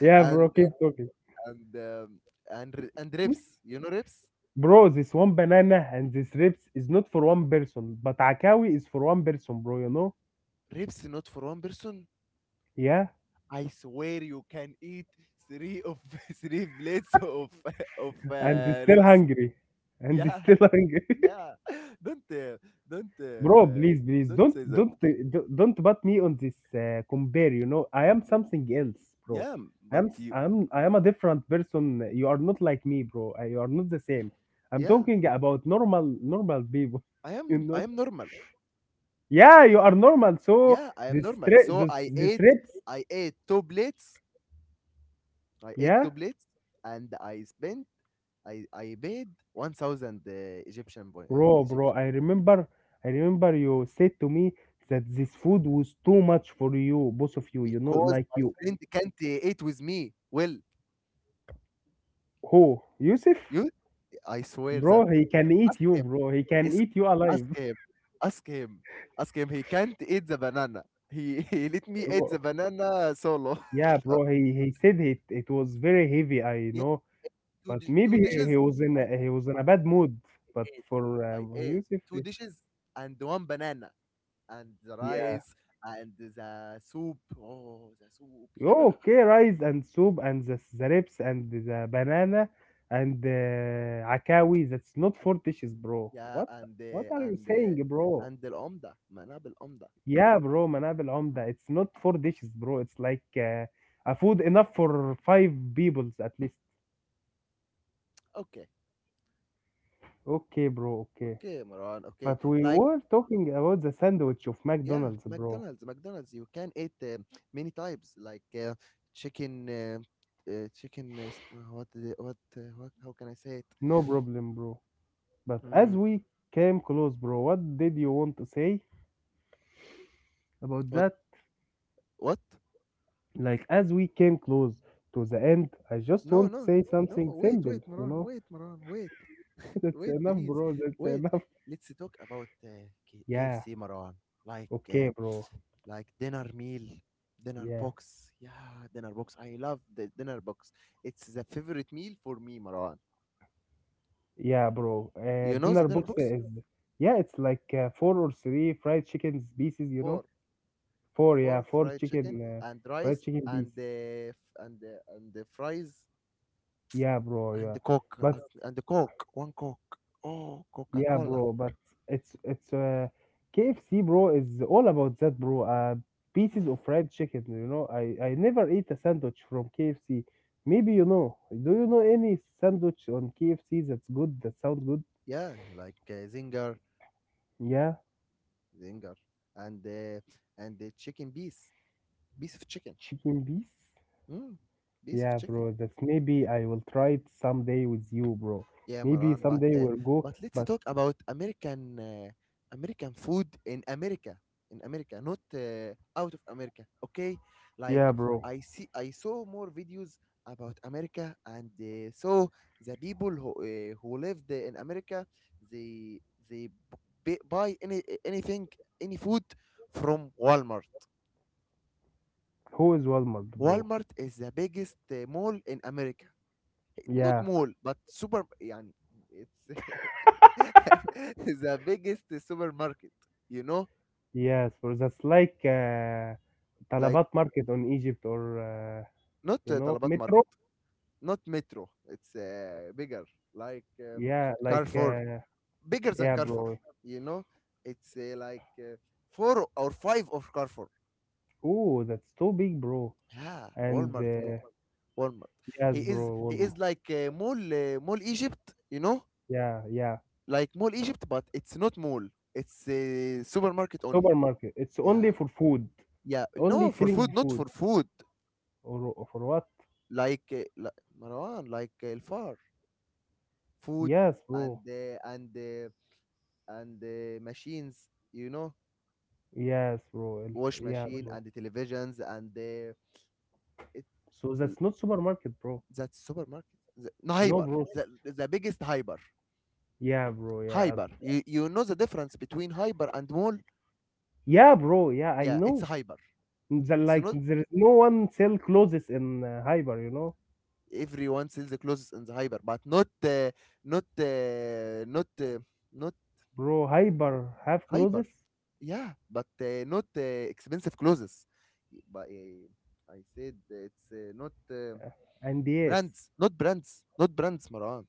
[SPEAKER 2] Yeah, bro,
[SPEAKER 1] and
[SPEAKER 2] keep talking.
[SPEAKER 1] and um, and r- and ribs. You know ribs?
[SPEAKER 2] Bro, this one banana and this ribs is not for one person, but Akawi is for one person, bro, you know?
[SPEAKER 1] Ribs not for one person.
[SPEAKER 2] Yeah,
[SPEAKER 1] I swear you can eat three of three plates of of
[SPEAKER 2] and he's
[SPEAKER 1] uh,
[SPEAKER 2] still
[SPEAKER 1] ribs.
[SPEAKER 2] hungry. And he's
[SPEAKER 1] Yeah,
[SPEAKER 2] still hungry.
[SPEAKER 1] Yeah, don't, uh, don't,
[SPEAKER 2] Bro,
[SPEAKER 1] uh,
[SPEAKER 2] please, please,
[SPEAKER 1] Don't
[SPEAKER 2] don't,
[SPEAKER 1] say that.
[SPEAKER 2] don't, uh, don't don't butt me on this uh, compare, you know? I am
[SPEAKER 1] Y-
[SPEAKER 2] something else, bro.
[SPEAKER 1] Yeah, m-
[SPEAKER 2] I
[SPEAKER 1] but
[SPEAKER 2] am, s-
[SPEAKER 1] you,
[SPEAKER 2] I am, I am a different person. You are not like me, bro. Uh, You are not the same. I'm
[SPEAKER 1] yeah,
[SPEAKER 2] talking about normal, normal people,
[SPEAKER 1] I
[SPEAKER 2] you
[SPEAKER 1] am,
[SPEAKER 2] know?
[SPEAKER 1] I am normal.
[SPEAKER 2] Yeah, you are normal. So
[SPEAKER 1] Yeah, I am
[SPEAKER 2] the
[SPEAKER 1] normal.
[SPEAKER 2] stre
[SPEAKER 1] So
[SPEAKER 2] the,
[SPEAKER 1] I
[SPEAKER 2] the
[SPEAKER 1] ate,
[SPEAKER 2] strips,
[SPEAKER 1] I ate two plates. I ate
[SPEAKER 2] yeah,
[SPEAKER 1] two plates, and I spent, I, I paid one thousand uh, Egyptian boy, uh,
[SPEAKER 2] bro, bro.
[SPEAKER 1] Egyptian,
[SPEAKER 2] I remember, I remember you said to me that this food was too much for you, both of you. You know,
[SPEAKER 1] because
[SPEAKER 2] like
[SPEAKER 1] my
[SPEAKER 2] you,
[SPEAKER 1] friend can't uh, eat with me. Well,
[SPEAKER 2] who, Yusuf,
[SPEAKER 1] you, I swear that.
[SPEAKER 2] bro? He can
[SPEAKER 1] Ask
[SPEAKER 2] eat you,
[SPEAKER 1] him.
[SPEAKER 2] bro. He can
[SPEAKER 1] Ask
[SPEAKER 2] eat you alive.
[SPEAKER 1] ask him, ask him, ask him. He can't eat the banana. He He let me eat
[SPEAKER 2] Bro,
[SPEAKER 1] the banana solo.
[SPEAKER 2] yeah,
[SPEAKER 1] Uh,
[SPEAKER 2] bro. He he said it. It was very heavy. I
[SPEAKER 1] yeah,
[SPEAKER 2] know,
[SPEAKER 1] two
[SPEAKER 2] but
[SPEAKER 1] di- two
[SPEAKER 2] maybe he, he
[SPEAKER 1] dishes.
[SPEAKER 2] was in
[SPEAKER 1] I
[SPEAKER 2] a, he was in a bad mood. But
[SPEAKER 1] ate.
[SPEAKER 2] for
[SPEAKER 1] I
[SPEAKER 2] um,
[SPEAKER 1] ate
[SPEAKER 2] Yusuf,
[SPEAKER 1] two dishes and one banana and the
[SPEAKER 2] yeah.
[SPEAKER 1] rice and the soup. Oh, the soup. Yeah,
[SPEAKER 2] Okay, rice and soup and the, the ribs and the banana and the عكاوي. That's not
[SPEAKER 1] and,
[SPEAKER 2] four dishes, bro.
[SPEAKER 1] yeah,
[SPEAKER 2] What
[SPEAKER 1] and
[SPEAKER 2] what
[SPEAKER 1] the
[SPEAKER 2] are you
[SPEAKER 1] and
[SPEAKER 2] saying,
[SPEAKER 1] the
[SPEAKER 2] bro?
[SPEAKER 1] and the العمدة. مناب العمدة.
[SPEAKER 2] Yeah, bro, منابل عمدة. It's not four dishes, bro. It's like uh, a food enough for five peoples at least.
[SPEAKER 1] Okay,
[SPEAKER 2] Okay, bro. Okay,
[SPEAKER 1] okay, Maran. Okay,
[SPEAKER 2] but we
[SPEAKER 1] like
[SPEAKER 2] were talking about the sandwich of
[SPEAKER 1] yeah,
[SPEAKER 2] McDonald's, bro.
[SPEAKER 1] McDonald's, mcdonald's you can eat uh, many types, like uh, chicken uh, uh, chicken uh, s- what the- what, uh, what, how can I say it?
[SPEAKER 2] No problem, bro. But as
[SPEAKER 1] Mm,
[SPEAKER 2] we came close, bro, what did you want to say about
[SPEAKER 1] what
[SPEAKER 2] that?
[SPEAKER 1] what
[SPEAKER 2] Like, as we came close to the end, I just
[SPEAKER 1] No,
[SPEAKER 2] want to
[SPEAKER 1] no,
[SPEAKER 2] say
[SPEAKER 1] no,
[SPEAKER 2] something
[SPEAKER 1] wait,
[SPEAKER 2] simple,
[SPEAKER 1] wait,
[SPEAKER 2] you
[SPEAKER 1] Maran,
[SPEAKER 2] know?
[SPEAKER 1] wait, Maran, wait,
[SPEAKER 2] That's
[SPEAKER 1] wait,
[SPEAKER 2] enough,
[SPEAKER 1] please,
[SPEAKER 2] bro. That's
[SPEAKER 1] wait.
[SPEAKER 2] enough.
[SPEAKER 1] Let's talk about uh, K-
[SPEAKER 2] Yeah,
[SPEAKER 1] KFC, Maran. Like
[SPEAKER 2] okay,
[SPEAKER 1] uh,
[SPEAKER 2] bro.
[SPEAKER 1] like dinner meal, dinner
[SPEAKER 2] Yeah,
[SPEAKER 1] box. Yeah, dinner box. I love the dinner box. It's the favorite meal for me, Maran.
[SPEAKER 2] yeah, bro. Uh,
[SPEAKER 1] You know the
[SPEAKER 2] dinner
[SPEAKER 1] dinner
[SPEAKER 2] box
[SPEAKER 1] box?
[SPEAKER 2] is, yeah, it's like uh, four or three fried chicken pieces, you know?
[SPEAKER 1] Four,
[SPEAKER 2] Four, yeah,
[SPEAKER 1] for
[SPEAKER 2] four
[SPEAKER 1] fried chicken
[SPEAKER 2] chicken, uh,
[SPEAKER 1] and
[SPEAKER 2] fried
[SPEAKER 1] rice
[SPEAKER 2] chicken
[SPEAKER 1] and
[SPEAKER 2] pieces.
[SPEAKER 1] the f- and the and the fries
[SPEAKER 2] Yeah, bro,
[SPEAKER 1] and
[SPEAKER 2] yeah.
[SPEAKER 1] the coke,
[SPEAKER 2] But
[SPEAKER 1] uh, and the coke one coke. Oh,
[SPEAKER 2] Yeah,
[SPEAKER 1] Coca-Cola.
[SPEAKER 2] bro, but it's it's uh K F C, bro, is all about that, bro. Uh, pieces of fried chicken, you know. I I never eat a sandwich from K F C. Maybe you know. Do you know any sandwich on K F C that's good, that sounds good?
[SPEAKER 1] Yeah, like uh, zinger
[SPEAKER 2] Yeah,
[SPEAKER 1] zinger, and uh, and the chicken piece, piece of chicken.
[SPEAKER 2] chicken piece.
[SPEAKER 1] mm, Piece of
[SPEAKER 2] Yeah,
[SPEAKER 1] chicken.
[SPEAKER 2] bro, that's maybe I will try it someday with you, bro.
[SPEAKER 1] Yeah,
[SPEAKER 2] Maybe
[SPEAKER 1] Maran, but
[SPEAKER 2] someday
[SPEAKER 1] uh,
[SPEAKER 2] we'll go,
[SPEAKER 1] but let's
[SPEAKER 2] but
[SPEAKER 1] talk about American uh, American food in America, in America, not uh, out of America. Okay, like
[SPEAKER 2] yeah, bro.
[SPEAKER 1] I see, I saw more videos about America, and uh, so the people who uh, who lived in America, they they b- buy any anything, any food from Walmart.
[SPEAKER 2] Who is Walmart, bro?
[SPEAKER 1] Walmart is the biggest uh, mall in America. Not
[SPEAKER 2] Yeah.
[SPEAKER 1] mall, but super, يعني, it's the biggest supermarket, you know,
[SPEAKER 2] Yes, for that's like uh,
[SPEAKER 1] like,
[SPEAKER 2] Talabat market on Egypt or uh,
[SPEAKER 1] not
[SPEAKER 2] you
[SPEAKER 1] uh,
[SPEAKER 2] know
[SPEAKER 1] طلبات
[SPEAKER 2] Metro.
[SPEAKER 1] market, not Metro. It's uh, bigger, like uh,
[SPEAKER 2] Yeah, like
[SPEAKER 1] Carrefour,
[SPEAKER 2] uh,
[SPEAKER 1] bigger than
[SPEAKER 2] yeah,
[SPEAKER 1] Carrefour.
[SPEAKER 2] bro.
[SPEAKER 1] You know, it's uh, like uh, four or five of Carrefour.
[SPEAKER 2] Ooh, that's too big, bro.
[SPEAKER 1] Yeah,
[SPEAKER 2] And
[SPEAKER 1] Walmart
[SPEAKER 2] uh,
[SPEAKER 1] mo- Walmart.
[SPEAKER 2] yes,
[SPEAKER 1] He
[SPEAKER 2] bro.
[SPEAKER 1] is he is
[SPEAKER 2] Walmart.
[SPEAKER 1] like uh, mall uh, mall Egypt, you know?
[SPEAKER 2] Yeah, yeah.
[SPEAKER 1] Like mall Egypt, but it's not mall, it's uh, supermarket only.
[SPEAKER 2] Supermarket. It's only
[SPEAKER 1] Yeah.
[SPEAKER 2] for food.
[SPEAKER 1] Yeah, no,
[SPEAKER 2] Only
[SPEAKER 1] for food,
[SPEAKER 2] filling
[SPEAKER 1] not for
[SPEAKER 2] food
[SPEAKER 1] food.
[SPEAKER 2] or or for what?
[SPEAKER 1] Like uh, li- Marwan, like uh, far, food,
[SPEAKER 2] Yes,
[SPEAKER 1] and
[SPEAKER 2] bro.
[SPEAKER 1] uh, and uh, and uh, machines, you know,
[SPEAKER 2] Yes, bro. El-
[SPEAKER 1] wash
[SPEAKER 2] Yeah,
[SPEAKER 1] machine
[SPEAKER 2] bro.
[SPEAKER 1] and the televisions and uh, it
[SPEAKER 2] So
[SPEAKER 1] l-
[SPEAKER 2] that's not supermarket, bro.
[SPEAKER 1] that's supermarket. The, no,
[SPEAKER 2] No,
[SPEAKER 1] hyper,
[SPEAKER 2] bro.
[SPEAKER 1] the, the biggest hyper,
[SPEAKER 2] Yeah, bro. Yeah,
[SPEAKER 1] hyper. You you know the difference between hyper and mall?
[SPEAKER 2] yeah, bro. Yeah, I
[SPEAKER 1] Yeah, it's
[SPEAKER 2] know.
[SPEAKER 1] hyper.
[SPEAKER 2] The,
[SPEAKER 1] It's
[SPEAKER 2] like
[SPEAKER 1] not
[SPEAKER 2] there is no one sell clothes in uh, Hyper, you know,
[SPEAKER 1] everyone sells the clothes in the hyper, but not uh, not uh, not uh, not.
[SPEAKER 2] bro. Hyper have
[SPEAKER 1] Hyper.
[SPEAKER 2] clothes,
[SPEAKER 1] Yeah, but uh, not uh, expensive clothes. But uh, I said it's uh, not uh,
[SPEAKER 2] uh, and yes,
[SPEAKER 1] brands, not brands, not brands, Marwan.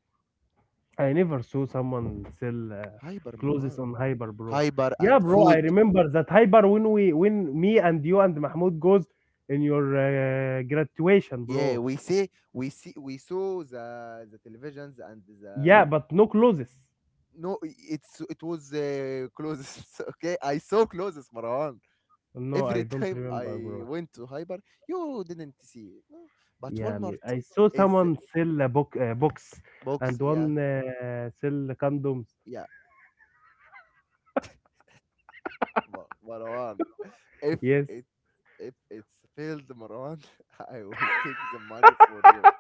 [SPEAKER 2] I never saw someone sell uh,
[SPEAKER 1] Hyper,
[SPEAKER 2] clothes
[SPEAKER 1] Marwan.
[SPEAKER 2] on Hyper, bro.
[SPEAKER 1] Hyper
[SPEAKER 2] Yeah,
[SPEAKER 1] and
[SPEAKER 2] bro, I
[SPEAKER 1] food.
[SPEAKER 2] remember that Hyper when we when me and you and Mahmoud goes in your uh, graduation,
[SPEAKER 1] Yeah,
[SPEAKER 2] bro.
[SPEAKER 1] we see, we see, we saw the the televisions and the
[SPEAKER 2] Yeah, but no clothes.
[SPEAKER 1] no. It's, it was uh, clothes. Okay, I saw clothes, Marwan.
[SPEAKER 2] No,
[SPEAKER 1] Every
[SPEAKER 2] I don't
[SPEAKER 1] time
[SPEAKER 2] remember,
[SPEAKER 1] I
[SPEAKER 2] bro.
[SPEAKER 1] went to Hyper, you didn't see. Uh, but
[SPEAKER 2] Yeah, me-
[SPEAKER 1] Walmart
[SPEAKER 2] I saw
[SPEAKER 1] is
[SPEAKER 2] someone sell a book, uh, books,
[SPEAKER 1] box.
[SPEAKER 2] and
[SPEAKER 1] Yeah,
[SPEAKER 2] one uh, sell condoms.
[SPEAKER 1] yeah. Ma- Marwan, if
[SPEAKER 2] Yes.
[SPEAKER 1] it if it's filled, Marwan, I will take the money for you.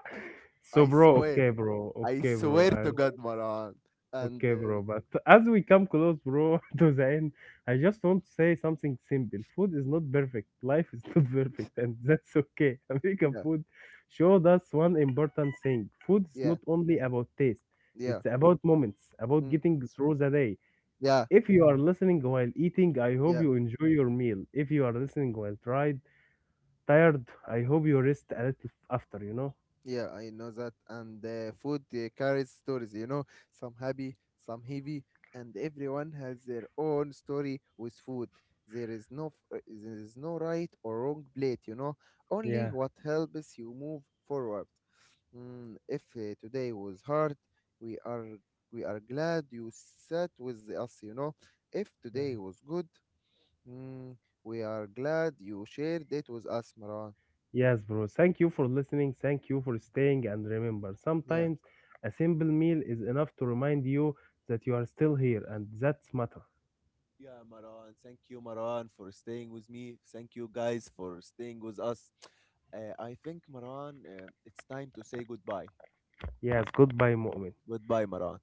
[SPEAKER 2] So,
[SPEAKER 1] I
[SPEAKER 2] bro,
[SPEAKER 1] swear,
[SPEAKER 2] okay, bro,
[SPEAKER 1] I
[SPEAKER 2] okay, bro,
[SPEAKER 1] swear to
[SPEAKER 2] and
[SPEAKER 1] God, Marwan. And
[SPEAKER 2] okay,
[SPEAKER 1] uh,
[SPEAKER 2] bro. But as we come close, bro, to the end, I just want to say something simple. Food is not perfect. Life is not perfect, and that's okay. American
[SPEAKER 1] yeah,
[SPEAKER 2] food showed us one important thing: food is
[SPEAKER 1] yeah,
[SPEAKER 2] not only about taste.
[SPEAKER 1] yeah,
[SPEAKER 2] It's about moments, about
[SPEAKER 1] mm,
[SPEAKER 2] getting through the day.
[SPEAKER 1] yeah,
[SPEAKER 2] If you are listening while eating, I hope
[SPEAKER 1] yeah,
[SPEAKER 2] you enjoy your meal. If you are listening while tried, tired, I hope you rest a little after. You know?
[SPEAKER 1] yeah. I know that. And uh, food uh, carries stories. You know, some happy, some heavy, and everyone has their own story with food. There is no f- uh, there is no right or wrong plate. You know, only
[SPEAKER 2] Yeah.
[SPEAKER 1] what helps you move forward. Mm, if uh, today was hard, we are we are glad you sat with us. You know, if
[SPEAKER 2] Yeah.
[SPEAKER 1] today was good, mm, we are glad you shared it with us, Maran.
[SPEAKER 2] Yes, bro. Thank you for listening. Thank you for staying. And remember,
[SPEAKER 1] Yeah.
[SPEAKER 2] sometimes a simple meal is enough to remind you that you are still here, and that's matter.
[SPEAKER 1] Yeah, Maran. Thank you, Maran, for staying with me. Thank you, guys, for staying with us. Uh, I think, Maran, uh, it's time to say goodbye.
[SPEAKER 2] Yes, goodbye, Mu'min.
[SPEAKER 1] Goodbye, Maran.